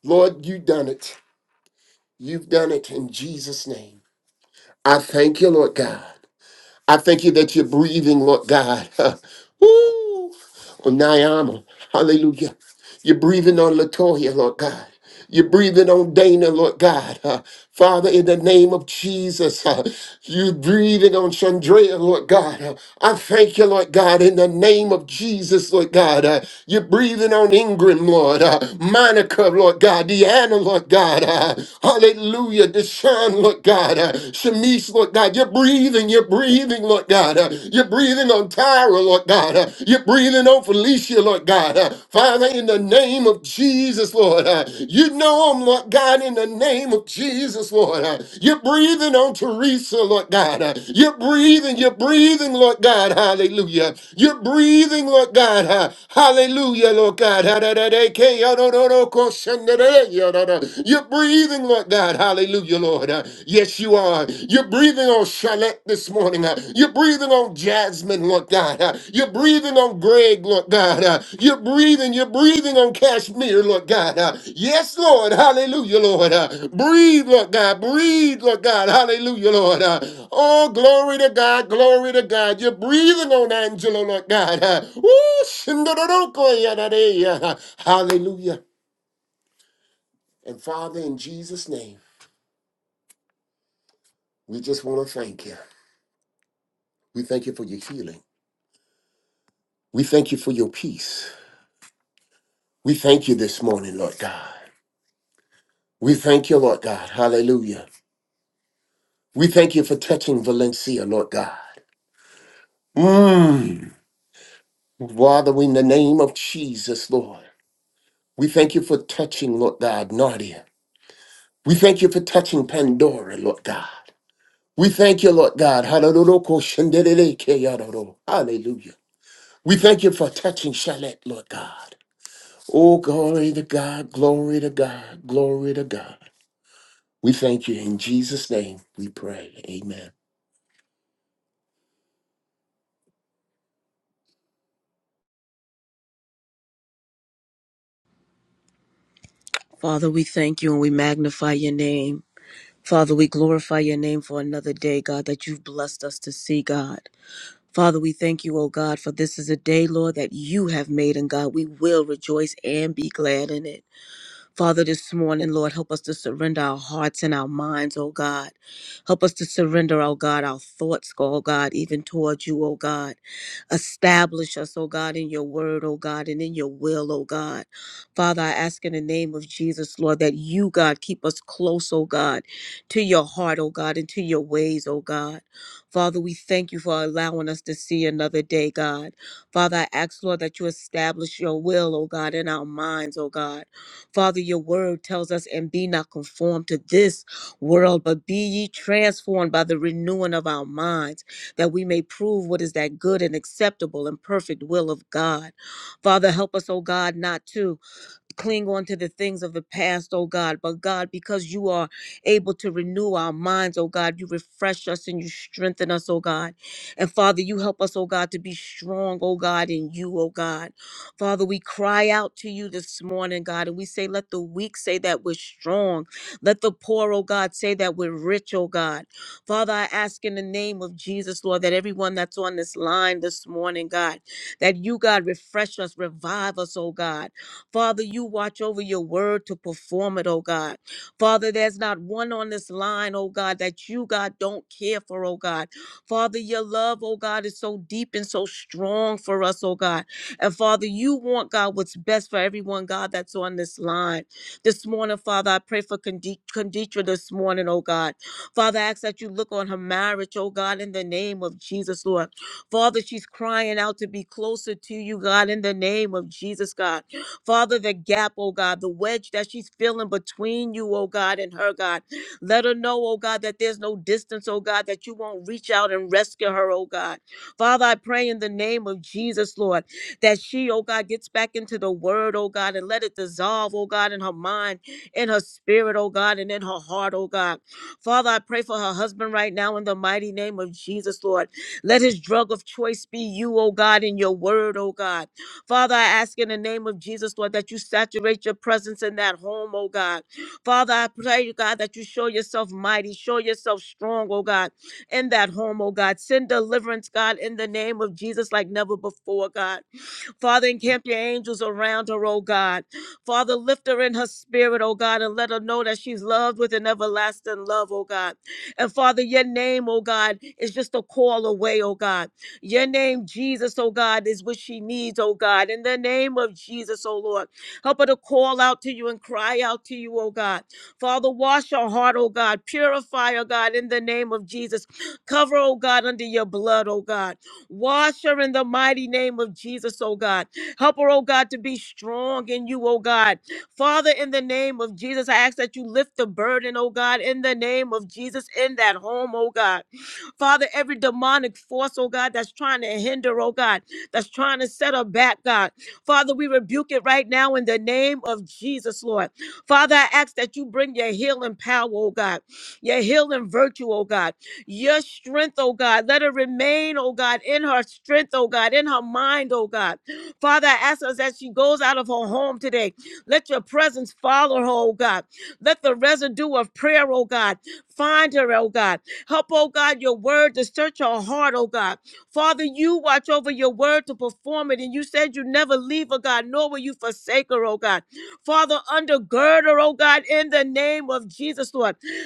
E: Lord, you done it. You've done it in Jesus' name. I thank you, Lord God. I thank you that you're breathing, Lord God. Woo! On Nayama. Hallelujah. You're breathing on Latoya, Lord God. You're breathing on Dana, Lord God. Uh, Father, in the name of Jesus, uh, you're breathing on Chandrea, Lord God. Uh, I thank you, Lord God, in the name of Jesus, Lord God. Uh, you're breathing on Ingram, Lord. Uh, Monica, Lord God. Deanna, Lord God. Uh, hallelujah. Deshaun, Lord God. Uh, Shanice, Lord God. You're breathing, you're breathing, Lord God. Uh, you're breathing breathing on Tyra, Lord God. Uh, You're breathing on Felicia, Lord God. Uh, Father, in the name of Jesus, Lord. uh, You know them, Lord God, in the name of Jesus, Lord. Uh, You're breathing on Teresa, Lord God. Uh, You're breathing, you're breathing, Lord God. Hallelujah. You're breathing, Lord God. Uh, Hallelujah, Lord God. Ha-da-da-da-ke, yo-do-do-do, ko-shen-da-da, yo-do-do. You're breathing, Lord God. Hallelujah, Lord. Uh, Yes, you are. You're breathing on Charlotte this morning. uh. You're breathing on Jasmine, Lord God. uh. You're breathing on Greg, Lord God. uh. You're breathing, you're breathing on Kashmir, Lord God. uh. Yes, Lord. Hallelujah, Lord. uh. Breathe, Lord God. Breathe, Lord God. Hallelujah, Lord. uh. Oh, glory to God. Glory to God. You're breathing on Angela, Lord God. uh. Woo, shindoroko yadadea, uh. Hallelujah. And Father, in Jesus' name, we just want to thank you. We thank you for your healing. We thank you for your peace. We thank you this morning, Lord God. We thank you, Lord God. Hallelujah. We thank you for touching Valencia, Lord God. Mm. Father, in the name of Jesus, Lord, we thank you for touching, Lord God, Nadia. We thank you for touching Pandora, Lord God. We thank you, Lord God. Hallelujah. Hallelujah. We thank you for touching Shalette, Lord God. Oh, glory to God, glory to God, glory to God. We thank you in Jesus' name. We pray. Amen.
A: Father, we thank you and we magnify your name. Father, we glorify your name for another day, God, that you've blessed us to see, God. Father, we thank you, O God, for this is a day, Lord, that you have made, and God, we will rejoice and be glad in it. Father, this morning, Lord, help us to surrender our hearts and our minds, oh God. Help us to surrender, oh God, our thoughts, oh God, even towards you, oh God. Establish us, oh God, in your word, oh God, and in your will, oh God. Father, I ask in the name of Jesus, Lord, that you, God, keep us close, oh God, to your heart, oh God, and to your ways, oh God. Father, we thank you for allowing us to see another day, God. Father, I ask, Lord, that you establish your will, oh God, in our minds, oh God. Father, your word tells us, and be not conformed to this world, but be ye transformed by the renewing of our minds, that we may prove what is that good and acceptable and perfect will of God. Father, help us, oh God, not to cling on to the things of the past, oh God. But God, because you are able to renew our minds, oh God, you refresh us and you strengthen us, oh God. And Father, you help us, oh God, to be strong, oh God, in you, oh God. Father, we cry out to you this morning, God, and we say, let the weak say that we're strong. Let the poor, oh God, say that we're rich, oh God. Father, I ask in the name of Jesus, Lord, that everyone that's on this line this morning, God, that you, God, refresh us, revive us, oh God. Father, you watch over your word to perform it, oh God. Father, there's not one on this line, oh God, that you, God, don't care for, oh God. Father, your love, oh God, is so deep and so strong for us, oh God. And Father, you want, God, what's best for everyone, God, that's on this line. This morning, Father, I pray for Condi- Conditra this morning, oh God. Father, I ask that you look on her marriage, oh God, in the name of Jesus, Lord. Father, she's crying out to be closer to you, God, in the name of Jesus, God. Father, the gap, oh God, the wedge that she's feeling between you, oh God, and her, God. Let her know, oh God, that there's no distance, oh God, that you won't reach out and rescue her, oh God. Father, I pray in the name of Jesus, Lord, that she, oh God, gets back into the word, oh God, and let it dissolve, oh God, in her mind, in her spirit, oh God, and in her heart, oh God. Father, I pray for her husband right now in the mighty name of Jesus, Lord. Let his drug of choice be you, oh God, in your word, oh God. Father, I ask in the name of Jesus, Lord, that you saturate your presence in that home, oh God. Father, I pray, you God, that you show yourself mighty, show yourself strong, oh God, in that home, oh God. Send deliverance, God, in the name of Jesus, like never before, God. Father, encamp your angels around her, oh God. Father, lift her in her spirit, oh God, and let her know that she's loved with an everlasting love, oh God. And Father, your name, oh God, is just a call away, oh God. Your name, Jesus, oh God, is what she needs, oh God. In the name of Jesus, oh Lord, help her to call out to you and cry out to you, oh God. Father, wash her heart, oh God. Purify her, God, in the name of Jesus. Cover, oh God, under your blood, oh God. Wash her in the mighty name of Jesus, oh God. Help her, oh God, to be strong in you, oh God. Father, in the name of Jesus, I ask that you lift the burden, oh God, in the name of Jesus, in that home, oh God. Father, every demonic force, oh God, that's trying to hinder, oh God, that's trying to set her back, God. Father, we rebuke it right now in the name of Jesus, Lord. Father, I ask that you bring your healing power, oh God, your healing virtue, oh God your strength, oh God. Let it remain, oh God, in her strength, oh God, in her mind, oh God. Father, I ask us as she goes out of her home today, let your presence follow her, oh God. Let the residue of prayer, oh God, find her, oh God. Help, oh God, your word to search her heart, oh God. Father, you watch over your word to perform it, and you said you never leave her, God, nor will you forsake her, oh God. Father, undergird her, oh God, in the name of Jesus, Lord.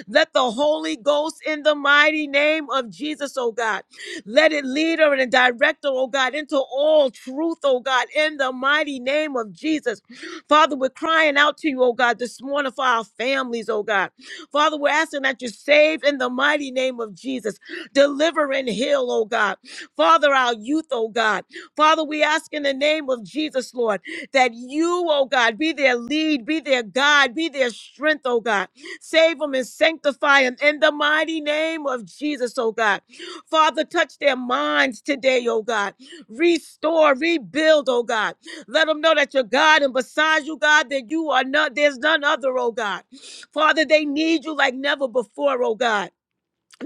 A: Let the Holy Ghost in the mighty name of Jesus, oh God, let it lead her and direct her, oh God, into all truth, oh God, in the mighty name of Jesus. Father, we're crying out to you, oh God, this morning for our families, oh God. Father, we're asking that you save in the mighty name of Jesus. Deliver and heal, oh God. Father, our youth, oh God. Father, we ask in the name of Jesus, Lord, that you, oh God, be their lead, be their God, be their strength, oh God. Save them and sanctify them in the mighty name of Jesus, oh God. Father, touch their minds today, oh God. Restore, rebuild, oh God. Let them know that you're God and besides you, God, that you are not, there's none other, oh God. Father, they need you like never before, oh God.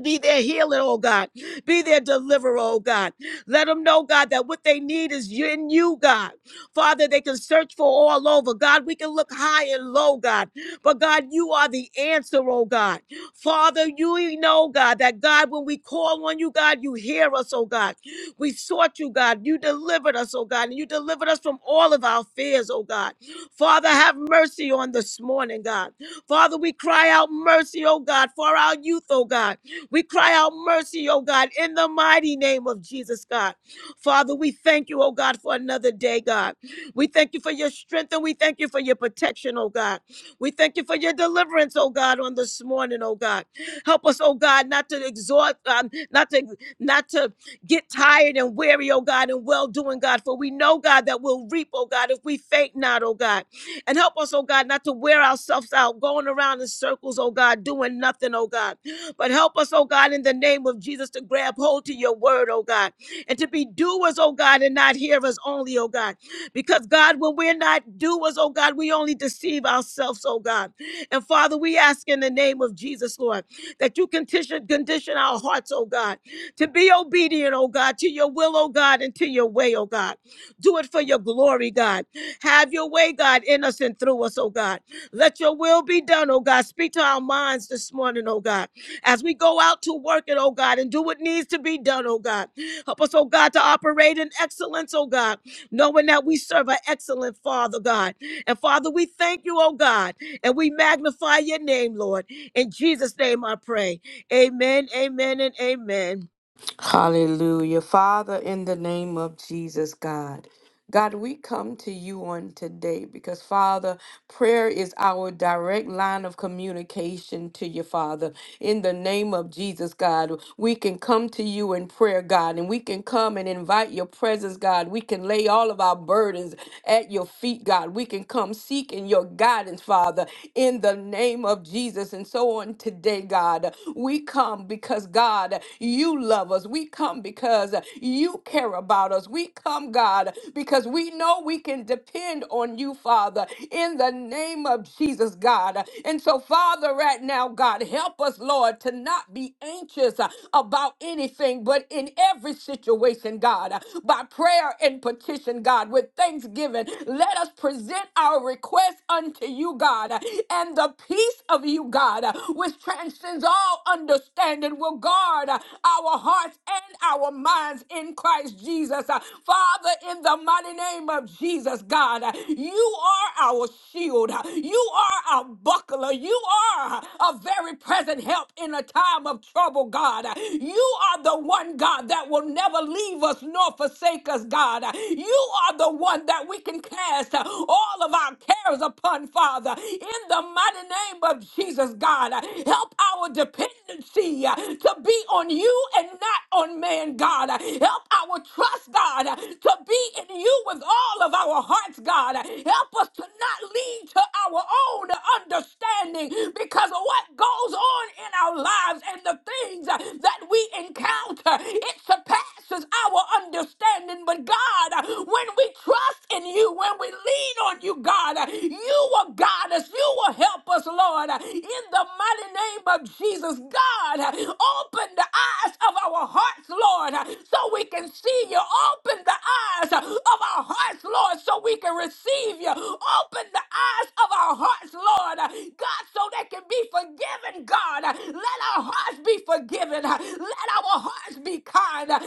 A: Be their healer, oh God. Be their deliverer, oh God. Let them know, God, that what they need is you- in you, God. Father, they can search for all over. God, we can look high and low, God. But God, you are the answer, oh God. Father, you know, God, that God, when we call on you, God, you hear us, oh God. We sought you, God. You delivered us, oh God. And you delivered us from all of our fears, oh God. Father, have mercy on this morning, God. Father, we cry out mercy, oh God, for our youth, oh God. We cry out mercy, oh God, in the mighty name of Jesus, God. Father, we thank you, oh God, for another day, God. We thank you for your strength and we thank you for your protection, oh God. We thank you for your deliverance, oh God, on this morning, oh God. Help us, oh God, not to exhort, um, not to not to get tired and weary, oh God, and well doing, God. For we know, God, that we'll reap, oh God, if we faint not, oh God. And help us, oh God, not to wear ourselves out, going around in circles, oh God, doing nothing, oh God. But help us, oh God, in the name of Jesus, to grab hold to your word, oh God, and to be doers, oh God, and not hearers only, oh God. Because, God, when we're not doers, oh God, we only deceive ourselves, oh God. And Father, we ask in the name of Jesus, Lord, that you condition, condition our hearts, oh God, to be obedient, oh God, to your will, oh God, and to your way, oh God. Do it for your glory, God. Have your way, God, in us and through us, oh God. Let your will be done, oh God. Speak to our minds this morning, oh God as we go out to work it, oh God, and do what needs to be done, oh God. Help us, oh God, to operate in excellence, oh God, knowing that we serve an excellent Father, God. And Father, we thank you, oh God, and we magnify your name, Lord. In Jesus' name I pray. Amen, amen, and amen.
B: Hallelujah. Father, in the name of Jesus, God. God, we come to you on today because, Father, prayer is our direct line of communication to you, Father. In the name of Jesus, God, we can come to you in prayer, God, and we can come and invite your presence, God. We can lay all of our burdens at your feet, God. We can come seeking your guidance, Father, in the name of Jesus. And so on today, God, we come because, God, you love us. We come because you care about us. We come, God, because because we know we can depend on you, Father, in the name of Jesus, God. And so, Father, right now, God, help us, Lord, to not be anxious uh, about anything, but in every situation, God, uh, by prayer and petition, God, with thanksgiving, let us present our request unto you, God, uh, and the peace of you, God, uh, which transcends all understanding, will guard uh, our hearts and our minds in Christ Jesus. Uh, Father, in the mighty mighty name of Jesus, God. You are our shield. You are our buckler. You are a very present help in a time of trouble, God. You are the one, God, that will never leave us nor forsake us, God. You are the one that we can cast all of our cares upon, Father. In the mighty name of Jesus, God, help our dependence dependency uh, to be on you and not on man, God. Uh, Help our trust, God, uh, to be in you with all of our hearts, God. Uh, Help us to not lean to our own understanding because of what goes on in our lives and the things uh, that we encounter. It surpasses our understanding. But God, uh, when we trust in you, when we lean on you, God, uh, you will guide us. You will help us, Lord. Uh, In the mighty name name of Jesus. God, open the eyes of our hearts, Lord, so we can see you. Open the eyes of our hearts, Lord, so we can receive you. Open the eyes of our hearts, Lord, God, so they can be forgiven, God. Let our hearts be forgiven. Let our hearts be kind. Let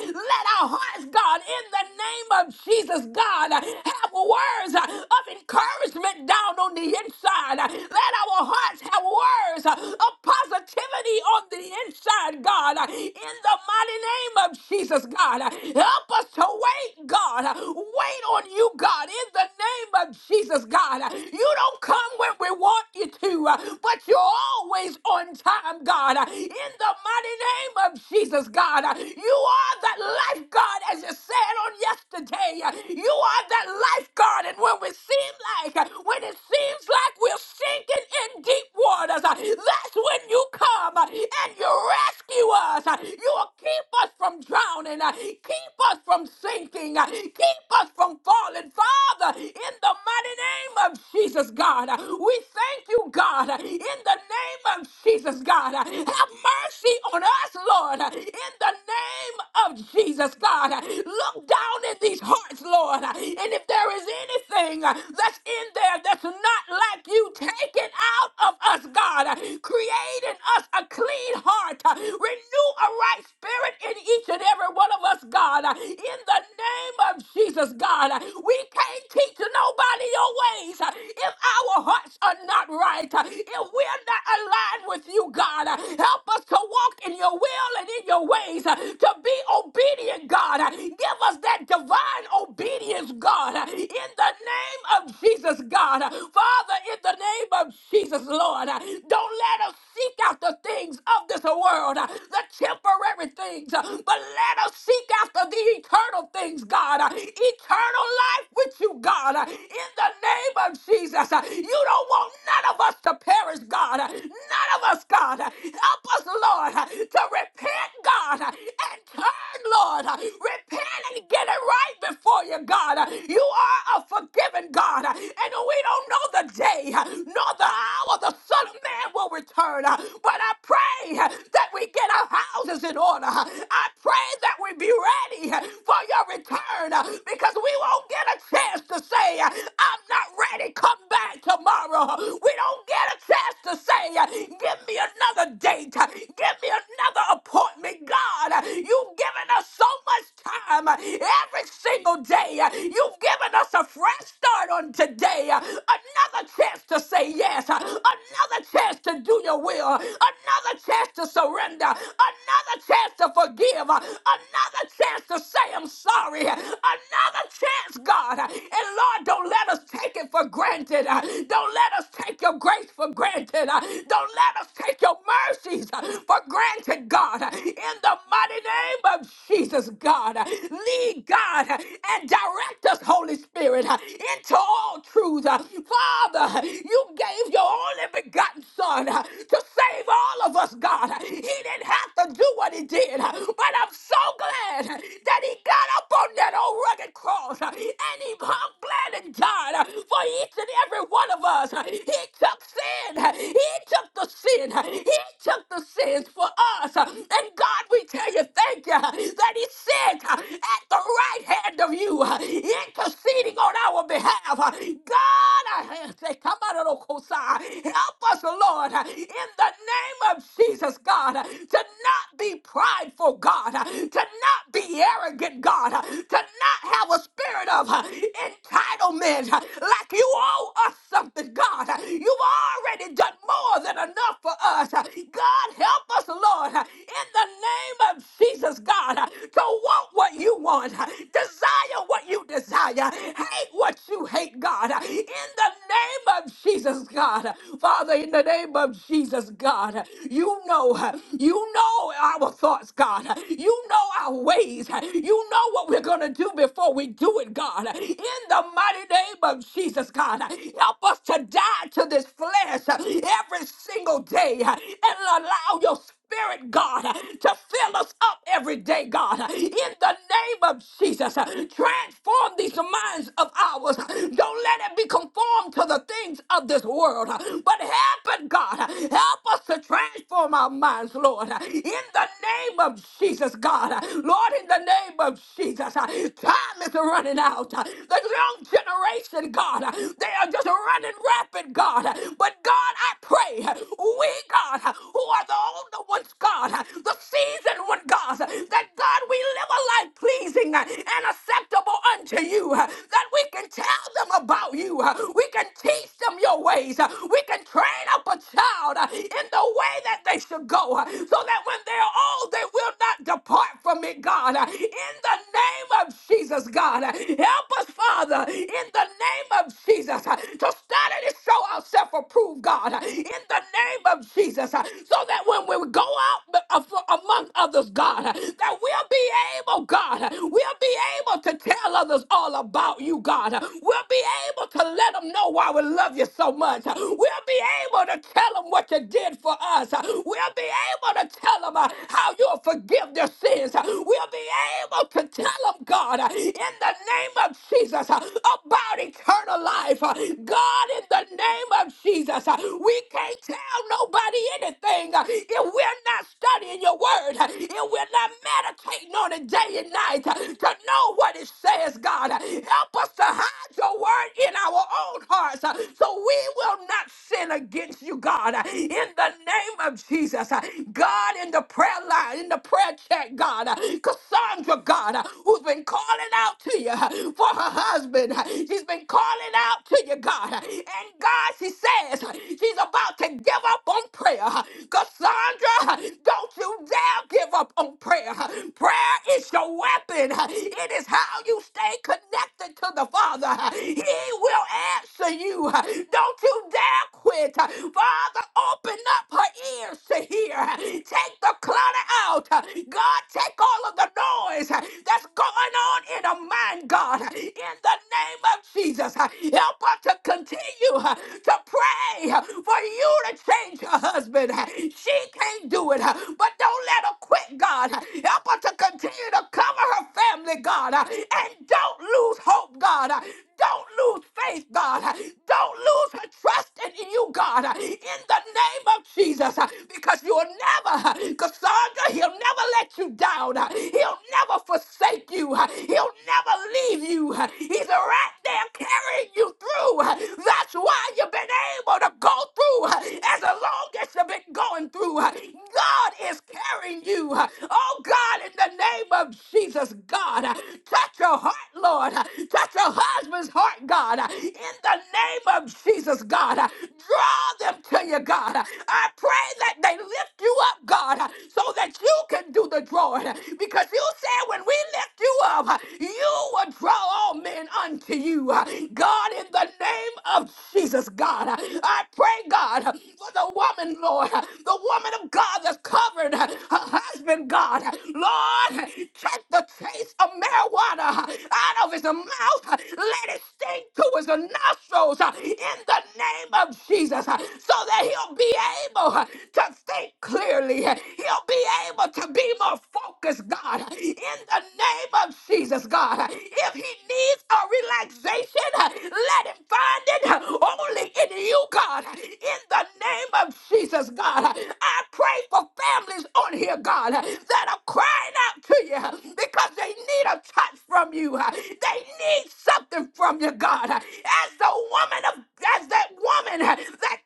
B: our hearts, God, in the name of Jesus, God, have words of encouragement down on the inside. Let our hearts have words stirrers uh, of positivity on the inside, God. uh, In the mighty name of Jesus, God. Uh, Help us to wait, God. Uh, Wait on you, God. In the name of Jesus, God. Uh, You don't come when we want you to, uh, but you're always on time, God. Uh, In the mighty name of Jesus, God. Uh, You are that life, God, as you said on yesterday. Uh, You are that life, God. And when we seem like, when it seems like we're sinking, in in deep waters, uh, that's when you come uh, and you rescue us. uh, You will keep us from drowning, uh, keep us from sinking, uh, keep us from falling. Father, in the mighty name of Jesus, God, uh, we thank you, God, uh, in the name of Jesus, God. uh, Have mercy on us, Lord, uh, in the name of Jesus, God. uh, Look down in these hearts, Lord, uh, and if there is anything uh, that's in there that's not like you, take it out of us, God. Create in us a clean heart. Renew a right spirit in each and every one of us, God. In the name of Jesus, God. We can't teach nobody your ways if our hearts are not right. If we're not aligned with you, God, help us to walk in your will and in your ways, to be obedient, God. Give us that divine obedience, God, in the name of Jesus, God. Father, in the name of Jesus, Lord, uh, don't let us seek after things of this world, uh, the temporary things, uh, but let us seek after the eternal things, God. uh, Eternal life with you, God. uh, In the name of Jesus, Uh, you don't want none of us to perish, God. None of us, God. Help us, Lord, to repent, God, and turn, Lord. Repent and get it right before you, God. You are a forgiving God, and we don't know the day nor the hour the Son of Man will return. But I pray that we get our houses in order. I pray that we be ready for your return because we won't get a chance to say, I'm not ready, come back tomorrow. We don't get a chance says to say, uh, Give me another date, Uh, give me another appointment, God. Uh, You've given us so much time uh, every single day. Uh, You've given us a fresh start on today, Uh, another chance to say yes, Uh, another chance to do your will, Uh, another chance to surrender, another chance to forgive, Uh, another chance to say I'm sorry, Uh, another chance, God. Uh, And Lord, don't let us take it for granted. Uh, Don't let us take your grace grace for granted. Uh, Don't let us take your mercies uh, for granted, God. Uh, In the mighty name of Jesus, God, uh, lead God uh, and direct us, Holy Spirit, uh, into all truth. Uh, Father, uh, you gave your only begotten Son uh, to save all of us, God. Uh, He didn't have to do what he did, uh, but I'm so glad uh, that he got up on that old rugged cross uh, and he hung glad and died uh, for each and every one of us. Uh, He took sin. He took the sin. He took the sins for us. And God, we tell you, thank you that He sits at the right hand of you, interceding on our behalf. God, I say, come out of the Kosai. Help us, Lord, in the name of Jesus, God, to not be prideful, God, to not be arrogant, God, to to not have a spirit of uh, entitlement uh, like you owe us something, God. Uh, You've already done more than enough for us. Uh, God, help us, Lord, uh, in the name of Jesus, God, uh, to want what you want, uh, desire what you desire, hate what you hate, God, uh, in the name of Jesus, God. Father, in the name of Jesus, God, you know, uh, you know our thoughts, God. Uh, You know our ways. Uh, You know what we're going to do before we do it, God. Uh, In the mighty name of Jesus, God, uh, help us to die to this flesh uh, every single day uh, and allow your Spirit, God, uh, to fill us up every day, God. Uh, In the name of Jesus, uh, transform these minds of ours. Don't let it be conformed to the things of this world, uh, but help it, God. Help us to transform our minds, Lord. In the name of Jesus, God. Lord, in the name of Jesus, time is running out. The young generation, God, they are just running rapid, God. But God, I pray, we, God, who are the older ones, God, the seasoned one, God, that God, we live a life pleasing and acceptable unto you, that we can tell them about you, we can teach them your ways, we we can train up a child uh, in the way that they should go uh, so that when they're old, they will not depart from it, God. Uh, In the name of Jesus, God, uh, help us, Father, in the name of Jesus, uh, to study to show ourselves approved, God, uh, in the name of Jesus, uh, so that when we go out b- uh, for- among others, God, uh, that we'll be able, God, uh, we'll be able to tell others all about you, God. Uh, We'll be able to let them know why we love you so much. We'll be able to tell them what you did for us. We'll be able to tell them uh, how you'll forgive their sins. We'll be able to tell them, God, uh, in the name of Jesus, uh, about eternal life. Uh, God, in the name of Jesus, uh, we can't tell nobody anything uh, if we're not studying your word, uh, if we're not meditating on it day and night uh, to know what it says, God. Help us to hide your your word in our own hearts uh, so we will not sin against you, God. Uh, In the name of Jesus, uh, God, in the prayer line, in the prayer chat, God, uh, Cassandra, God, uh, who's been calling out to you uh, for her husband, uh, she's been calling out to you, God. uh, And God, she says uh, she's about to give up on prayer. uh, Cassandra, uh, don't you dare give up on prayer. uh, Prayer is your weapon, uh, it is how you stay connected connected to the Father, He will answer you. Don't you dare quit. Father, open up her ears to hear. Take the clutter out. God, take all of the noise that's going on in her mind, God. In the name of Jesus, help her to continue to pray for you to change her husband. She can't do it, but don't let her quit, God. Help her to continue to cover her family, glory, God. Uh, And don't lose hope, God. Uh, Don't lose faith, God. Uh, Don't lose trust in you, God. Uh, In the name of Jesus, uh, because you will never, uh, Cassandra, he'll never let you down. Uh, He'll never forsake you. Uh, He'll never leave you. Uh, He's right there carrying you through. Uh, That's why you've been able to go through uh, as long as you've been going through. Uh, God is carrying you. Uh, Oh God, in the name name of Jesus, God. Touch your heart, Lord. Touch your husband's heart, God. In the name of Jesus, God. Draw them to you, God. I pray that they lift you up, God, so that you can do the drawing. Because you said when we lift you up, you will draw all men unto you. God, in the name of Jesus, God, I pray, God, for the woman, Lord, the woman of God that's covered her husband husband, God. Lord, take the taste of marijuana out of his mouth. Let it stink to his nostrils uh, in the name of Jesus uh, so that he'll be able uh, to think clearly. Uh, He'll be able to be more focused, God, uh, in the name of Jesus, God. Uh, If he needs a relaxation, uh, let him find it uh, only in you, God, uh, in the name of Jesus, God. Uh, I pray for families on here, God, that are crying out to you because they need a touch from you. They need something from you, God. As the woman of, as that woman, that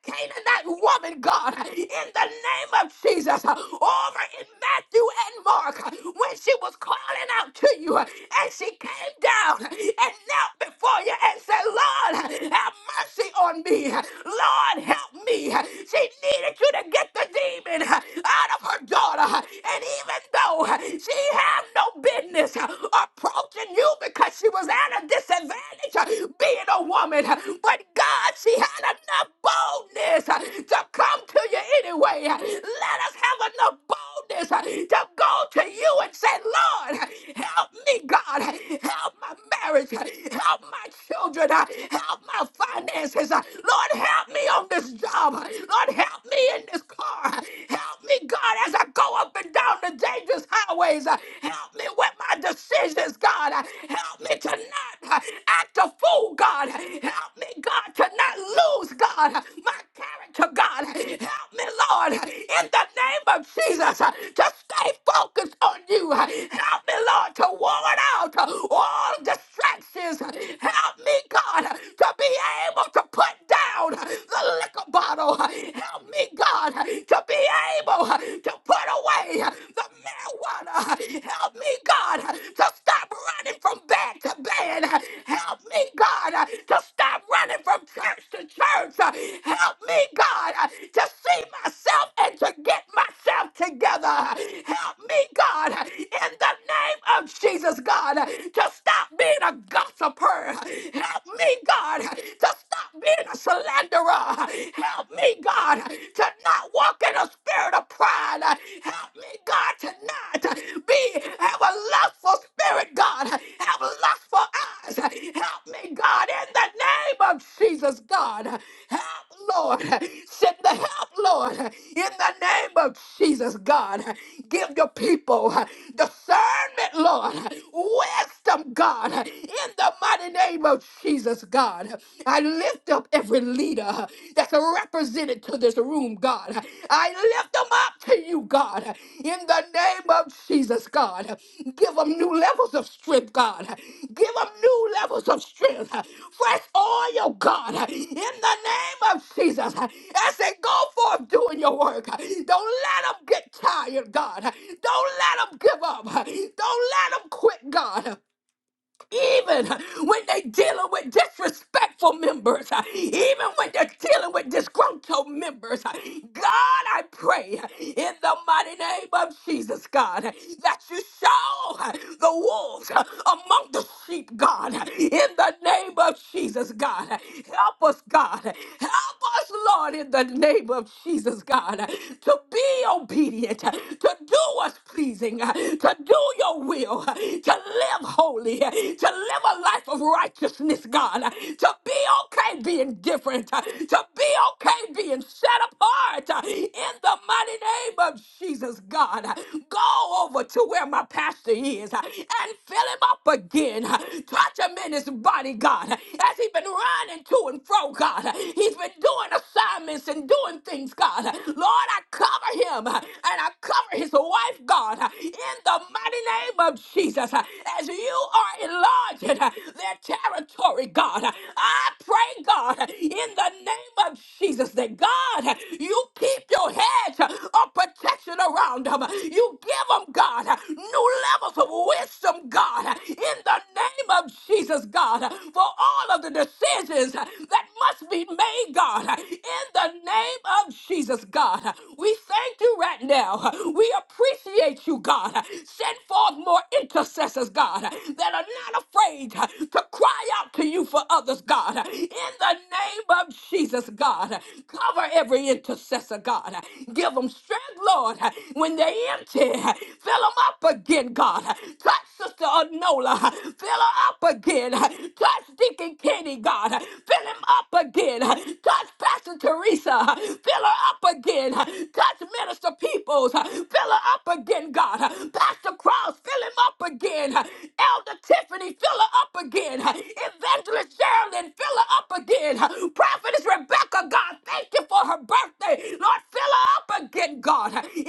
B: Canaanite woman, God, in the name of Jesus, over in Matthew and Mark, when she was calling out to you, and she came down and knelt before you and said, Lord, have mercy on me. Lord, help me. She needed you to get the demon out of her daughter. And even though she had no business approaching you because she was at a disadvantage being a woman, but God, she had enough boldness to come to you anyway. Let us have enough boldness to go to you and say, Lord, help me, God. Help my marriage. Help my children. Help my finances. Uh, Lord, help me on this job. Uh, Lord, help me in this car. Uh, Help me, God, as I go up and down the dangerous highways. Uh, Help me with my decisions, God. Uh, Help me to not uh, act a fool, God. Help me, God, to not lose, God, uh, my character, God. Help me, Lord, in the name of Jesus, uh, to stay focused on you. Uh, Help me, Lord, to ward out uh, all distractions. Help me, God, to be able to put down the liquor bottle. Help me, God, to be able to put away the marijuana. Help me, God, to stop running from bed to bed. Help me, God, to stop running from church to church. Help me, God, to see myself and to get myself together. Help me, God, in the name of Jesus, God, to stop stop being a gossiper. Help me, God, to stop being a slanderer. Help me, God, to not walk in a spirit of pride. Help me, God, to not be have a lustful spirit, God. Have lustful eyes. Help me, God. God, in the name of Jesus, God, help, Lord, send the help, Lord, in the name of Jesus, God, give your people discernment, Lord, wisdom, God, in the mighty name of Jesus, God. I lift up every leader that's represented to this room, God. I lift them up to you, God. God. In the name of Jesus, God. Give them new levels of strength, God. Give them new levels of strength. Fresh oil, God. In the name of Jesus. As they go forth doing your work, don't let them get tired, God. Don't let them give up. Don't let them quit, God even when they're dealing with disrespectful members, even when they're dealing with disgruntled members. God, I pray in the mighty name of Jesus, God, that you show the wolves among the sheep, God, in the name of Jesus, God. Help us, God. Help us, Lord, in the name of Jesus, God, to be obedient, to do what's pleasing, uh, to do your will, uh, to live holy, uh, to live a life of righteousness, God, uh, to be okay being different, uh, to be okay being set apart uh, in the mighty name of Jesus, God. Uh, Go over to where my pastor is uh, and fill him up again. uh, Touch him in his body, God, uh, as he's been running to and fro, God. uh, He's been doing assignments and doing things things, God. Lord, I cover him uh, and I cover his wife, God, uh, in the mighty name of Jesus. uh, As you are enlarging uh, their territory, God, uh, I pray, God, uh, in the name of Jesus, that God, uh, you keep your hedge uh, of protection around them. You give them, God, uh, new levels of wisdom, God. God, in the name of Jesus, God, for all of the decisions that must be made, God, in the name of Jesus, God. We thank you right now. We appreciate you, God. Send forth more intercessors, God, that are not afraid to cry out to you for others mothers, God. In the name of Jesus, God. Cover every intercessor, God. Give them strength, Lord, when they're empty. Fill them up again, God. Touch Sister Anola. Fill her up again. Touch Deacon Kenny, God. Fill him up again. Touch Pastor Teresa. Fill her up again. Touch Minister Peoples. Fill her up again, God. Pastor Cross, fill him up again. Elder Tiffany, fill her up again. Evangelist Michelle and fill her up again. Prophetess Rebecca, God, thank you for her birthday. Lord, fill her up again, God. In the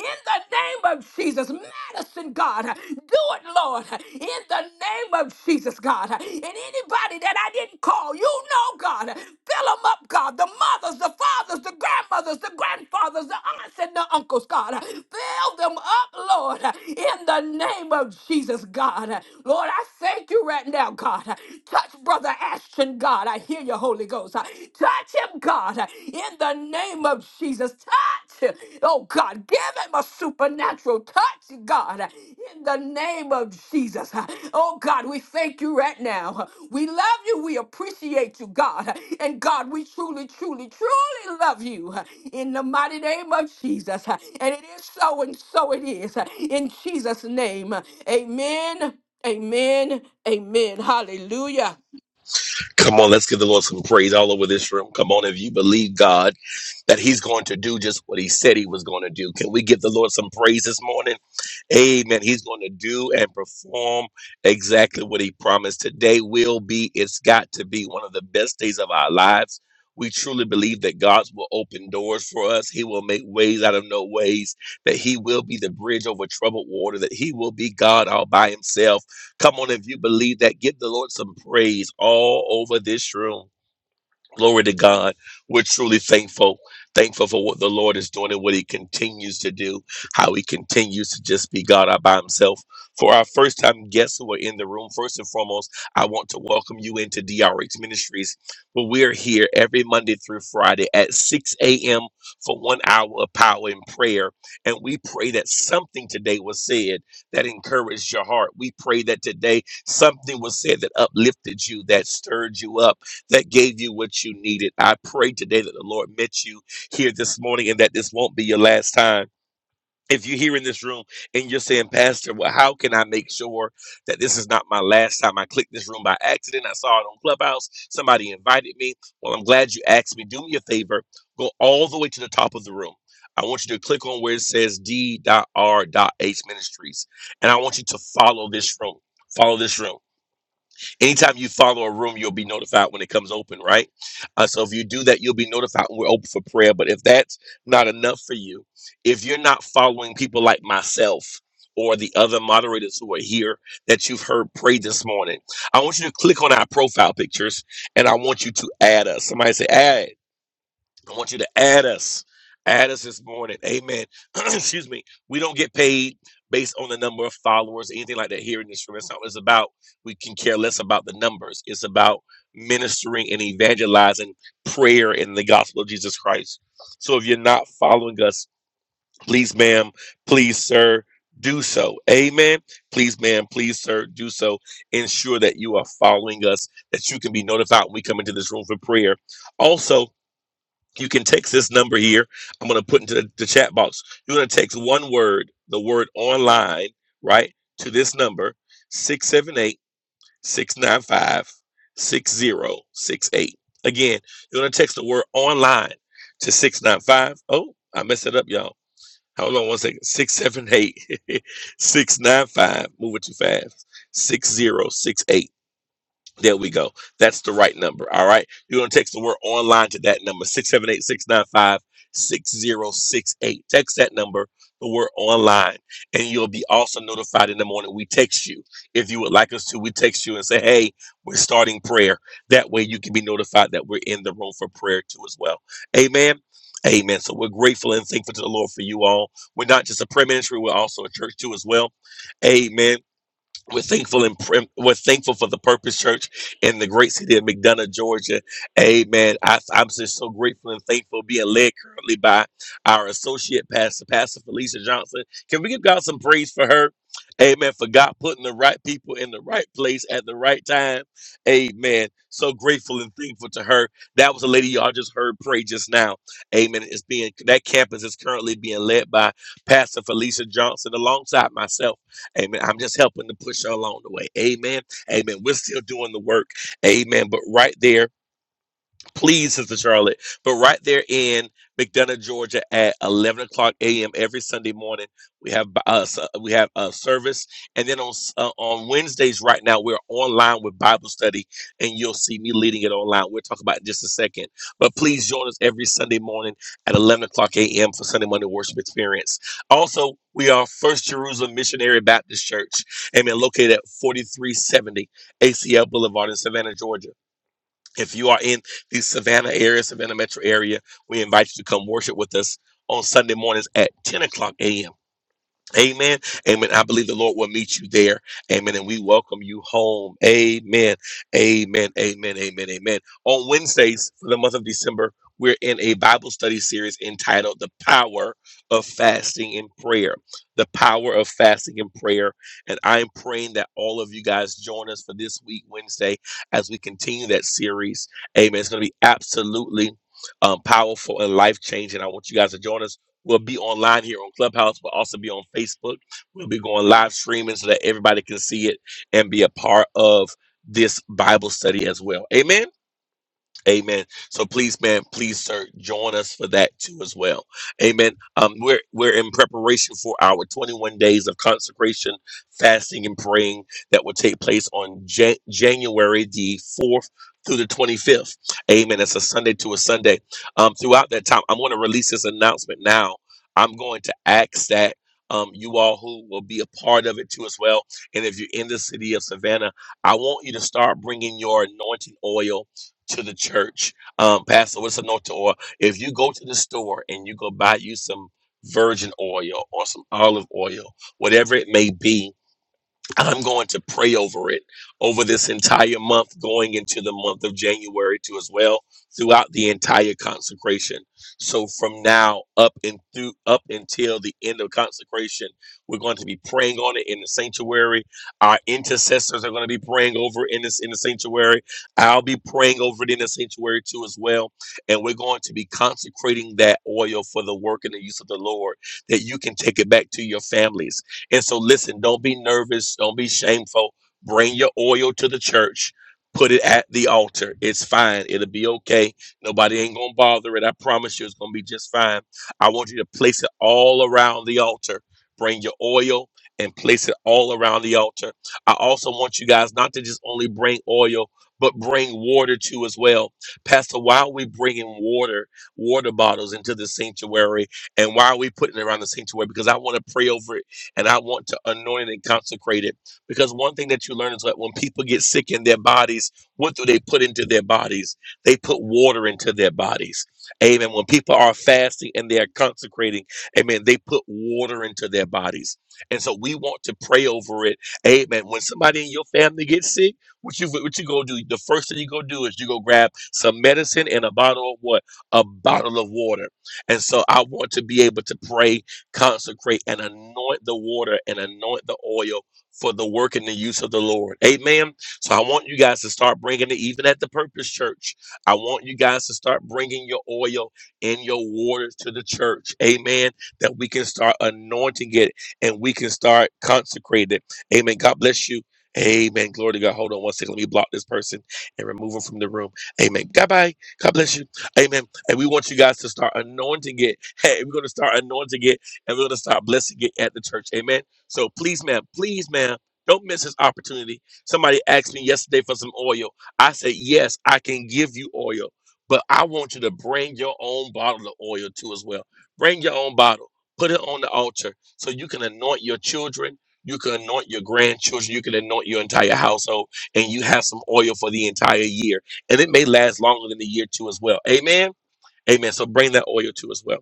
B: name of Jesus, Madison, God, do it, Lord. In the name of Jesus, God. And anybody that I didn't call, you know, God, fill them up, God. The mothers, the fathers, the grandmothers, the grandfathers, the aunts and the uncles, God. Fill them up, Lord, in the name of Jesus, God. Lord, I thank you right now, God. Touch brother Brother Ashton, God, I hear you, Holy Ghost. Uh, Touch him, God, uh, in the name of Jesus. Touch, him. oh God, give him a supernatural touch, God, uh, in the name of Jesus. Uh, Oh God, we thank you right now. Uh, We love you. We appreciate you, God. Uh, And God, we truly, truly, truly love you uh, in the mighty name of Jesus. Uh, And it is so, and so it is. Uh, In Jesus' name, uh, amen. Amen. Amen. Hallelujah.
D: Come on, let's give the Lord some praise all over this room. Come on, if you believe God that He's going to do just what He said He was going to do, can we give the Lord some praise this morning? Amen. He's going to do and perform exactly what He promised. Today will be, it's got to be one of the best days of our lives. We truly believe that God will open doors for us. He will make ways out of no ways, that He will be the bridge over troubled water, that He will be God all by Himself Come on, if you believe that, give the Lord some praise all over this room. Glory to God. We're truly thankful. Thankful for what the Lord is doing and what He continues to do, how He continues to just be God all by Himself. For our first time guests who are in the room, first and foremost, I want to welcome you into DRH Ministries, where we're here every Monday through Friday at 6 a.m. for one hour of power and prayer. And we pray that something today was said that encouraged your heart. We pray that today something was said that uplifted you, that stirred you up that gave you what you needed. I pray today that the Lord met you here this morning and that this won't be your last time. If you're here in this room and you're saying, Pastor, well, how can I make sure that this is not my last time? I clicked this room by accident. I saw it on Clubhouse. Somebody invited me. Well, I'm glad you asked me. Do me a favor. Go all the way to the top of the room. I want you to click on where it says D.R.H. Ministries. And I want you to follow this room. Follow this room. Anytime you follow a room, you'll be notified when it comes open, right? Uh, so if you do that, you'll be notified when we're open for prayer. But if that's not enough for you, if you're not following people like myself or the other moderators who are here that you've heard pray this morning, I want you to click on our profile pictures and I want you to add us. Somebody say, add. I want you to add us. Add us this morning. Amen. Excuse me. We don't get paid based on the number of followers, anything like that here in this room. It's not what it's about. We can care less about the numbers. It's about ministering and evangelizing prayer in the gospel of Jesus Christ. So if you're not following us, please, ma'am, please, sir, do so. Amen. Please, ma'am, please, sir, do so. Ensure that you are following us, that you can be notified when we come into this room for prayer. Also, you can text this number here. I'm going to put into the, the chat box. You're going to text one word, the word online, right, to this number 678 695 6068. Again, you're going to text the word online to 695. Oh, I messed it up, y'all. Hold on one second. 678 six nine five. 695. Move it too fast. 6068. There we go. That's the right number. All right. You're going to text the word online to that number 678 695 6068. Text that number, the word online, and you'll be also notified in the morning. We text you. If you would like us to, we text you and say, hey, we're starting prayer. That way you can be notified that we're in the room for prayer too as well. Amen. Amen. So we're grateful and thankful to the Lord for you all. We're not just a prayer ministry, we're also a church too as well. Amen. We're thankful and prim- we're thankful for the Purpose Church in the great city of McDonough, Georgia. Amen. I, I'm just so grateful and thankful being led currently by our associate pastor, Pastor Felicia Johnson. Can we give God some praise for her? Amen. For God putting the right people in the right place at the right time. Amen. So grateful and thankful to her. That was a lady y'all just heard pray just now. Amen. It's being that campus is currently being led by Pastor Felicia Johnson alongside myself. Amen. I'm just helping to push her along the way. Amen. Amen. We're still doing the work. Amen. But right there Please, Sister Charlotte. But right there in McDonough, Georgia, at 11 o'clock a.m. every Sunday morning, we have us we have a service, and then on s- uh, on Wednesdays right now we're online with Bible study, and you'll see me leading it online. We'll talk about it in just a second. But please join us every Sunday morning at 11 o'clock a.m. for Sunday morning worship experience. Also, we are First Jerusalem Missionary Baptist Church, amen, located at 4370 ACL Boulevard in Savannah, Georgia. If you are in the Savannah area, Savannah metro area, we invite you to come worship with us on Sunday mornings at 10 o'clock a.m. Amen. Amen. I believe the Lord will meet you there. Amen. And we welcome you home. Amen. Amen. Amen. Amen. Amen. On Wednesdays for the month of December, we're in a Bible study series entitled The Power of Fasting and Prayer. The Power of Fasting and Prayer. And I'm praying that all of you guys join us for this week, Wednesday, as we continue that series. Amen. It's going to be absolutely um, powerful and life changing. I want you guys to join us We'll be online here on Clubhouse. We'll also be on Facebook. We'll be going live streaming so that everybody can see it and be a part of this Bible study as well. Amen. Amen. So please, man, please, sir, join us for that too as well. Amen. Um, we're we're in preparation for our 21 days of consecration, fasting, and praying that will take place on Jan- January the 4th through the 25th. Amen. It's a Sunday to a Sunday. Um, throughout that time, I'm going to release this announcement now. I'm going to ask that. Um, you all who will be a part of it too as well. And if you're in the city of Savannah, I want you to start bringing your anointing oil to the church. Um, Pastor, what's an anointing oil? If you go to the store and you go buy you some virgin oil or some olive oil, whatever it may be, I'm going to pray over it over this entire month, going into the month of January too, as well, throughout the entire consecration. So from now up and through up until the end of consecration, we're going to be praying on it in the sanctuary. Our intercessors are going to be praying over it in this in the sanctuary. I'll be praying over it in the sanctuary too, as well. And we're going to be consecrating that oil for the work and the use of the Lord, that you can take it back to your families and so, listen, don't be nervous, don't be shameful. Bring your oil to the church, put it at the altar. It's fine, it'll be okay. Nobody ain't gonna bother it. I promise you, it's gonna be just fine. I want you to place it all around the altar. Bring your oil and place it all around the altar. I also want you guys not to just only bring oil, but bring water too as well. Pastor, why are we bringing water, water bottles into the sanctuary? And why are we putting it around the sanctuary? Because I want to pray over it and I want to anoint it and consecrate it. Because one thing that you learn is that when people get sick in their bodies, what do they put into their bodies? They put water into their bodies. Amen. When people are fasting and they are consecrating, amen, they put water into their bodies. And so we want to pray over it. Amen. When somebody in your family gets sick, what you what you go do? The first thing you go do is you go grab some medicine and a bottle of what? A bottle of water. And so I want to be able to pray consecrate and anoint the water and anoint the oil for the work and the use of the Lord. Amen. So I want you guys to start bringing it, even at the Purpose Church. I want you guys to start bringing your oil and your waters to the church. Amen. That we can start anointing it and we can start consecrating it. Amen. God bless you. Amen. Glory to God. Hold on one second. Let me block this person and remove him from the room. Amen. God bye. God bless you. Amen. And we want you guys to start anointing it. Hey, we're going to start anointing it and we're going to start blessing it at the church. Amen. So please, ma'am, please, ma'am, don't miss this opportunity. Somebody asked me yesterday for some oil. I said, yes, I can give you oil, but I want you to bring your own bottle of oil too as well. Bring your own bottle. Put it on the altar so you can anoint your children. You can anoint your grandchildren. You can anoint your entire household, and you have some oil for the entire year. And it may last longer than the year, too, as well. Amen. Amen. So bring that oil, too, as well.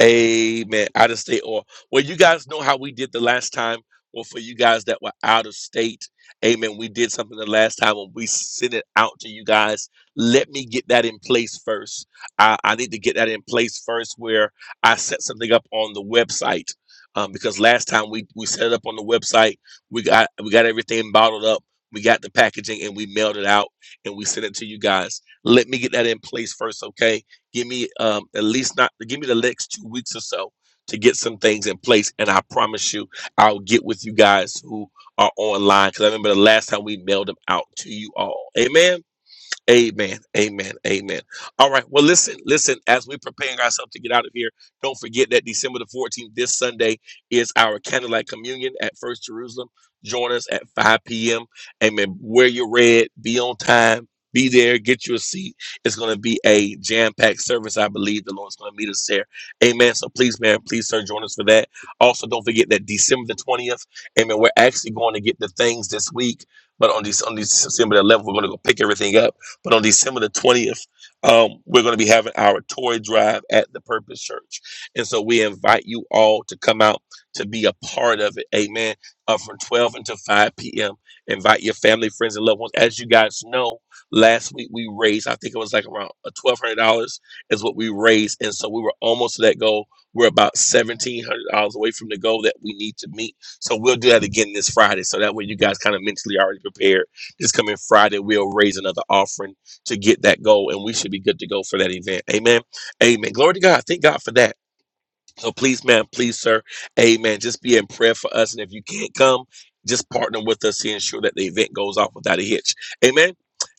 D: Amen. Out of state or well, you guys know how we did the last time. Well, for you guys that were out of state, amen. We did something the last time when we sent it out to you guys. Let me get that in place first. I, I need to get that in place first where I set something up on the website. Um, because last time we, we set it up on the website, we got we got everything bottled up, we got the packaging and we mailed it out and we sent it to you guys. Let me get that in place first, okay? Give me um, at least not give me the next two weeks or so to get some things in place, and I promise you, I'll get with you guys who are online because I remember the last time we mailed them out to you all. Amen. Amen. Amen. Amen. All right. Well, listen, listen, as we're preparing ourselves to get out of here, don't forget that December the 14th, this Sunday, is our candlelight communion at First Jerusalem. Join us at 5 p.m. Amen. Wear your red, be on time, be there, get you a seat. It's going to be a jam packed service. I believe the Lord's going to meet us there. Amen. So please, man, please, sir, join us for that. Also, don't forget that December the 20th, amen, we're actually going to get the things this week. But on, these, on these December the 11th, we're going to go pick everything up but on December the 20th, um, we're going to be having our toy drive at the Purpose Church. And so we invite you all to come out to be a part of it. Amen. Uh, from 12 until 5 p.m. Invite your family, friends, and loved ones. As you guys know, last week we raised, I think it was like around uh, $1,200 is what we raised. And so we were almost to that goal. We're about $1,700 away from the goal that we need to meet. So we'll do that again this Friday. So that way you guys kind of mentally already prepared. This coming Friday, we'll raise another offering to get that goal, and we should be good to go for that event. Amen. Amen. Glory to God. Thank God for that. So please, ma'am, please, sir, amen. Just be in prayer for us. And if you can't come, just partner with us to ensure that the event goes off without a hitch. Amen.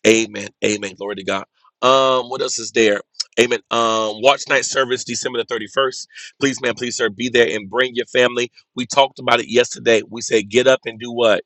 D: Amen. Amen. Glory to God. Um, what else is there? Amen. Um, watch night service December the 31st. Please, ma'am, please, sir, be there and bring your family. We talked about it yesterday. We said get up and do what?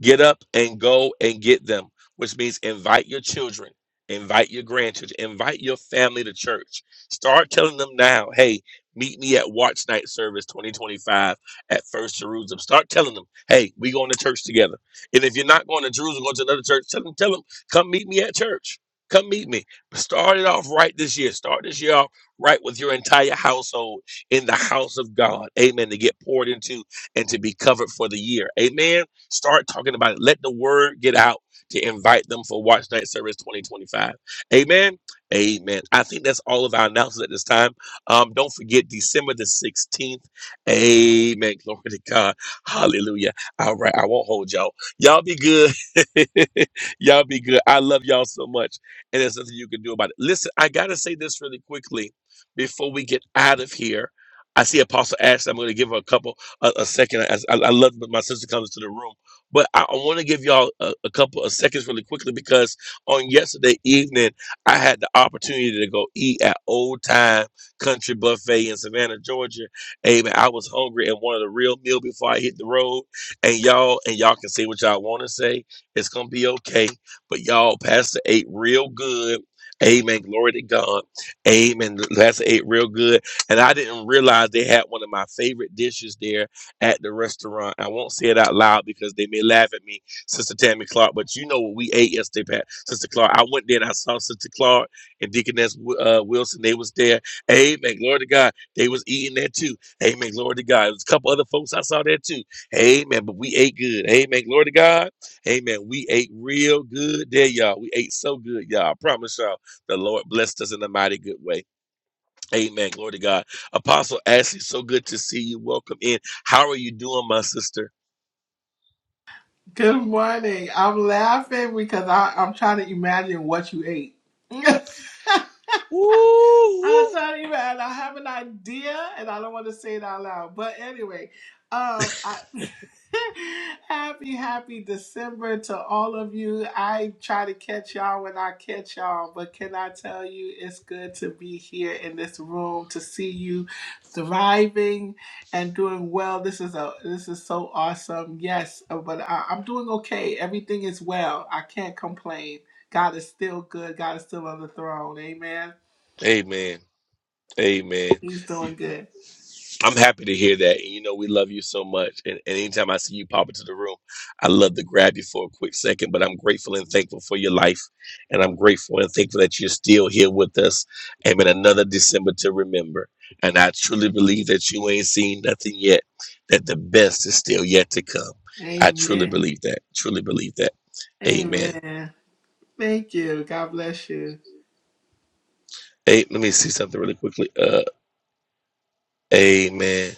D: Get up and go and get them, which means invite your children, invite your grandchildren, invite your family to church. Start telling them now, hey, meet me at Watch Night Service 2025 at First Jerusalem. Start telling them, hey, we going to church together. And if you're not going to Jerusalem, go to another church, tell them, tell them, come meet me at church. Come meet me. Start it off right this year. Start this year off right with your entire household in the house of God. Amen. To get poured into and to be covered for the year. Amen. Start talking about it. Let the word get out to invite them for Watch Night Service 2025. Amen. Amen. I think that's all of our announcements at this time. Um, don't forget December the 16th. Amen. Glory to God. Hallelujah. All right. I won't hold y'all. Y'all be good. y'all be good. I love y'all so much. And there's nothing you can do about it. Listen, I got to say this really quickly before we get out of here. I see Apostle Ashley. I'm going to give her a couple, a, a second. As I, I love when my sister comes to the room. But I, want to give y'all a, a couple of seconds really quickly because on yesterday evening, I had the opportunity to go eat at Old Time Country Buffet in Savannah, Georgia. Amen. I was hungry and wanted a real meal before I hit the road. And y'all, and y'all can say what y'all want to say. It's gonna be okay. But y'all, Pastor ate real good. Amen. Glory to God. Amen. Pastor ate real good. And I didn't realize they had one of my favorite dishes there at the restaurant. I won't say it out loud because they may laugh at me, Sister Tammy Clark. But you know what we ate yesterday, Pat, Sister Clark. I went there and I saw Sister Clark and Deaconess uh, Wilson. They was there. Amen. Glory to God. They was eating there too. Amen. Glory to God. There's a couple other folks I saw there too. Amen. But we ate good. Amen. Glory to God. Amen. We ate real good there, y'all. We ate so good, y'all. I promise y'all, the Lord blessed us in a mighty good way. Amen. Glory to God. Apostle Ashley, so good to see you. Welcome in. How are you doing, my sister?
F: Good morning. I'm laughing because I, I'm trying to imagine what you ate.
D: Woo,
F: I'll
D: woo.
F: tell you, man. I have an idea, and I don't want to say it out loud. But anyway, um, I, happy, happy December to all of you. I try to catch y'all when I catch y'all, but can I tell you, it's good to be here in this room to see you thriving and doing well. This is a this is so awesome. Yes, uh, but I, I'm doing okay. Everything is well. I can't complain. God is still good. God is still on the throne. Amen.
D: Amen. Amen.
F: He's doing good.
D: I'm happy to hear that. And you know, we love you so much. And, and anytime I see you pop into the room, I love to grab you for a quick second. But I'm grateful and thankful for your life. And I'm grateful and thankful that you're still here with us. Amen. Another December to remember. And I truly believe that you ain't seen nothing yet, that the best is still yet to come. I truly
F: Amen.
D: believe that. Truly believe that. Amen.
F: Amen. Thank you. God bless you.
D: Hey, let me see something really quickly. Uh, amen.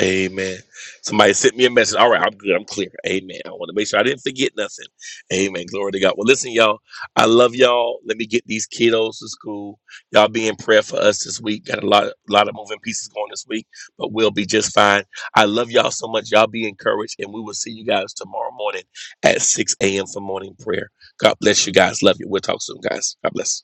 D: Amen. Somebody sent me a message. All right, I'm good. I'm clear. Amen. I want to make sure I didn't forget nothing. Amen. Glory to God. Well, listen, y'all. I love y'all. Let me get these kiddos to school. Y'all be in prayer for us this week. Got a lot, lot of moving pieces going this week, but we'll be just fine. I love y'all so much. Y'all be encouraged, and we will see you guys tomorrow morning at 6 a.m. for morning prayer. God bless you guys. Love you. We'll talk soon, guys. God bless.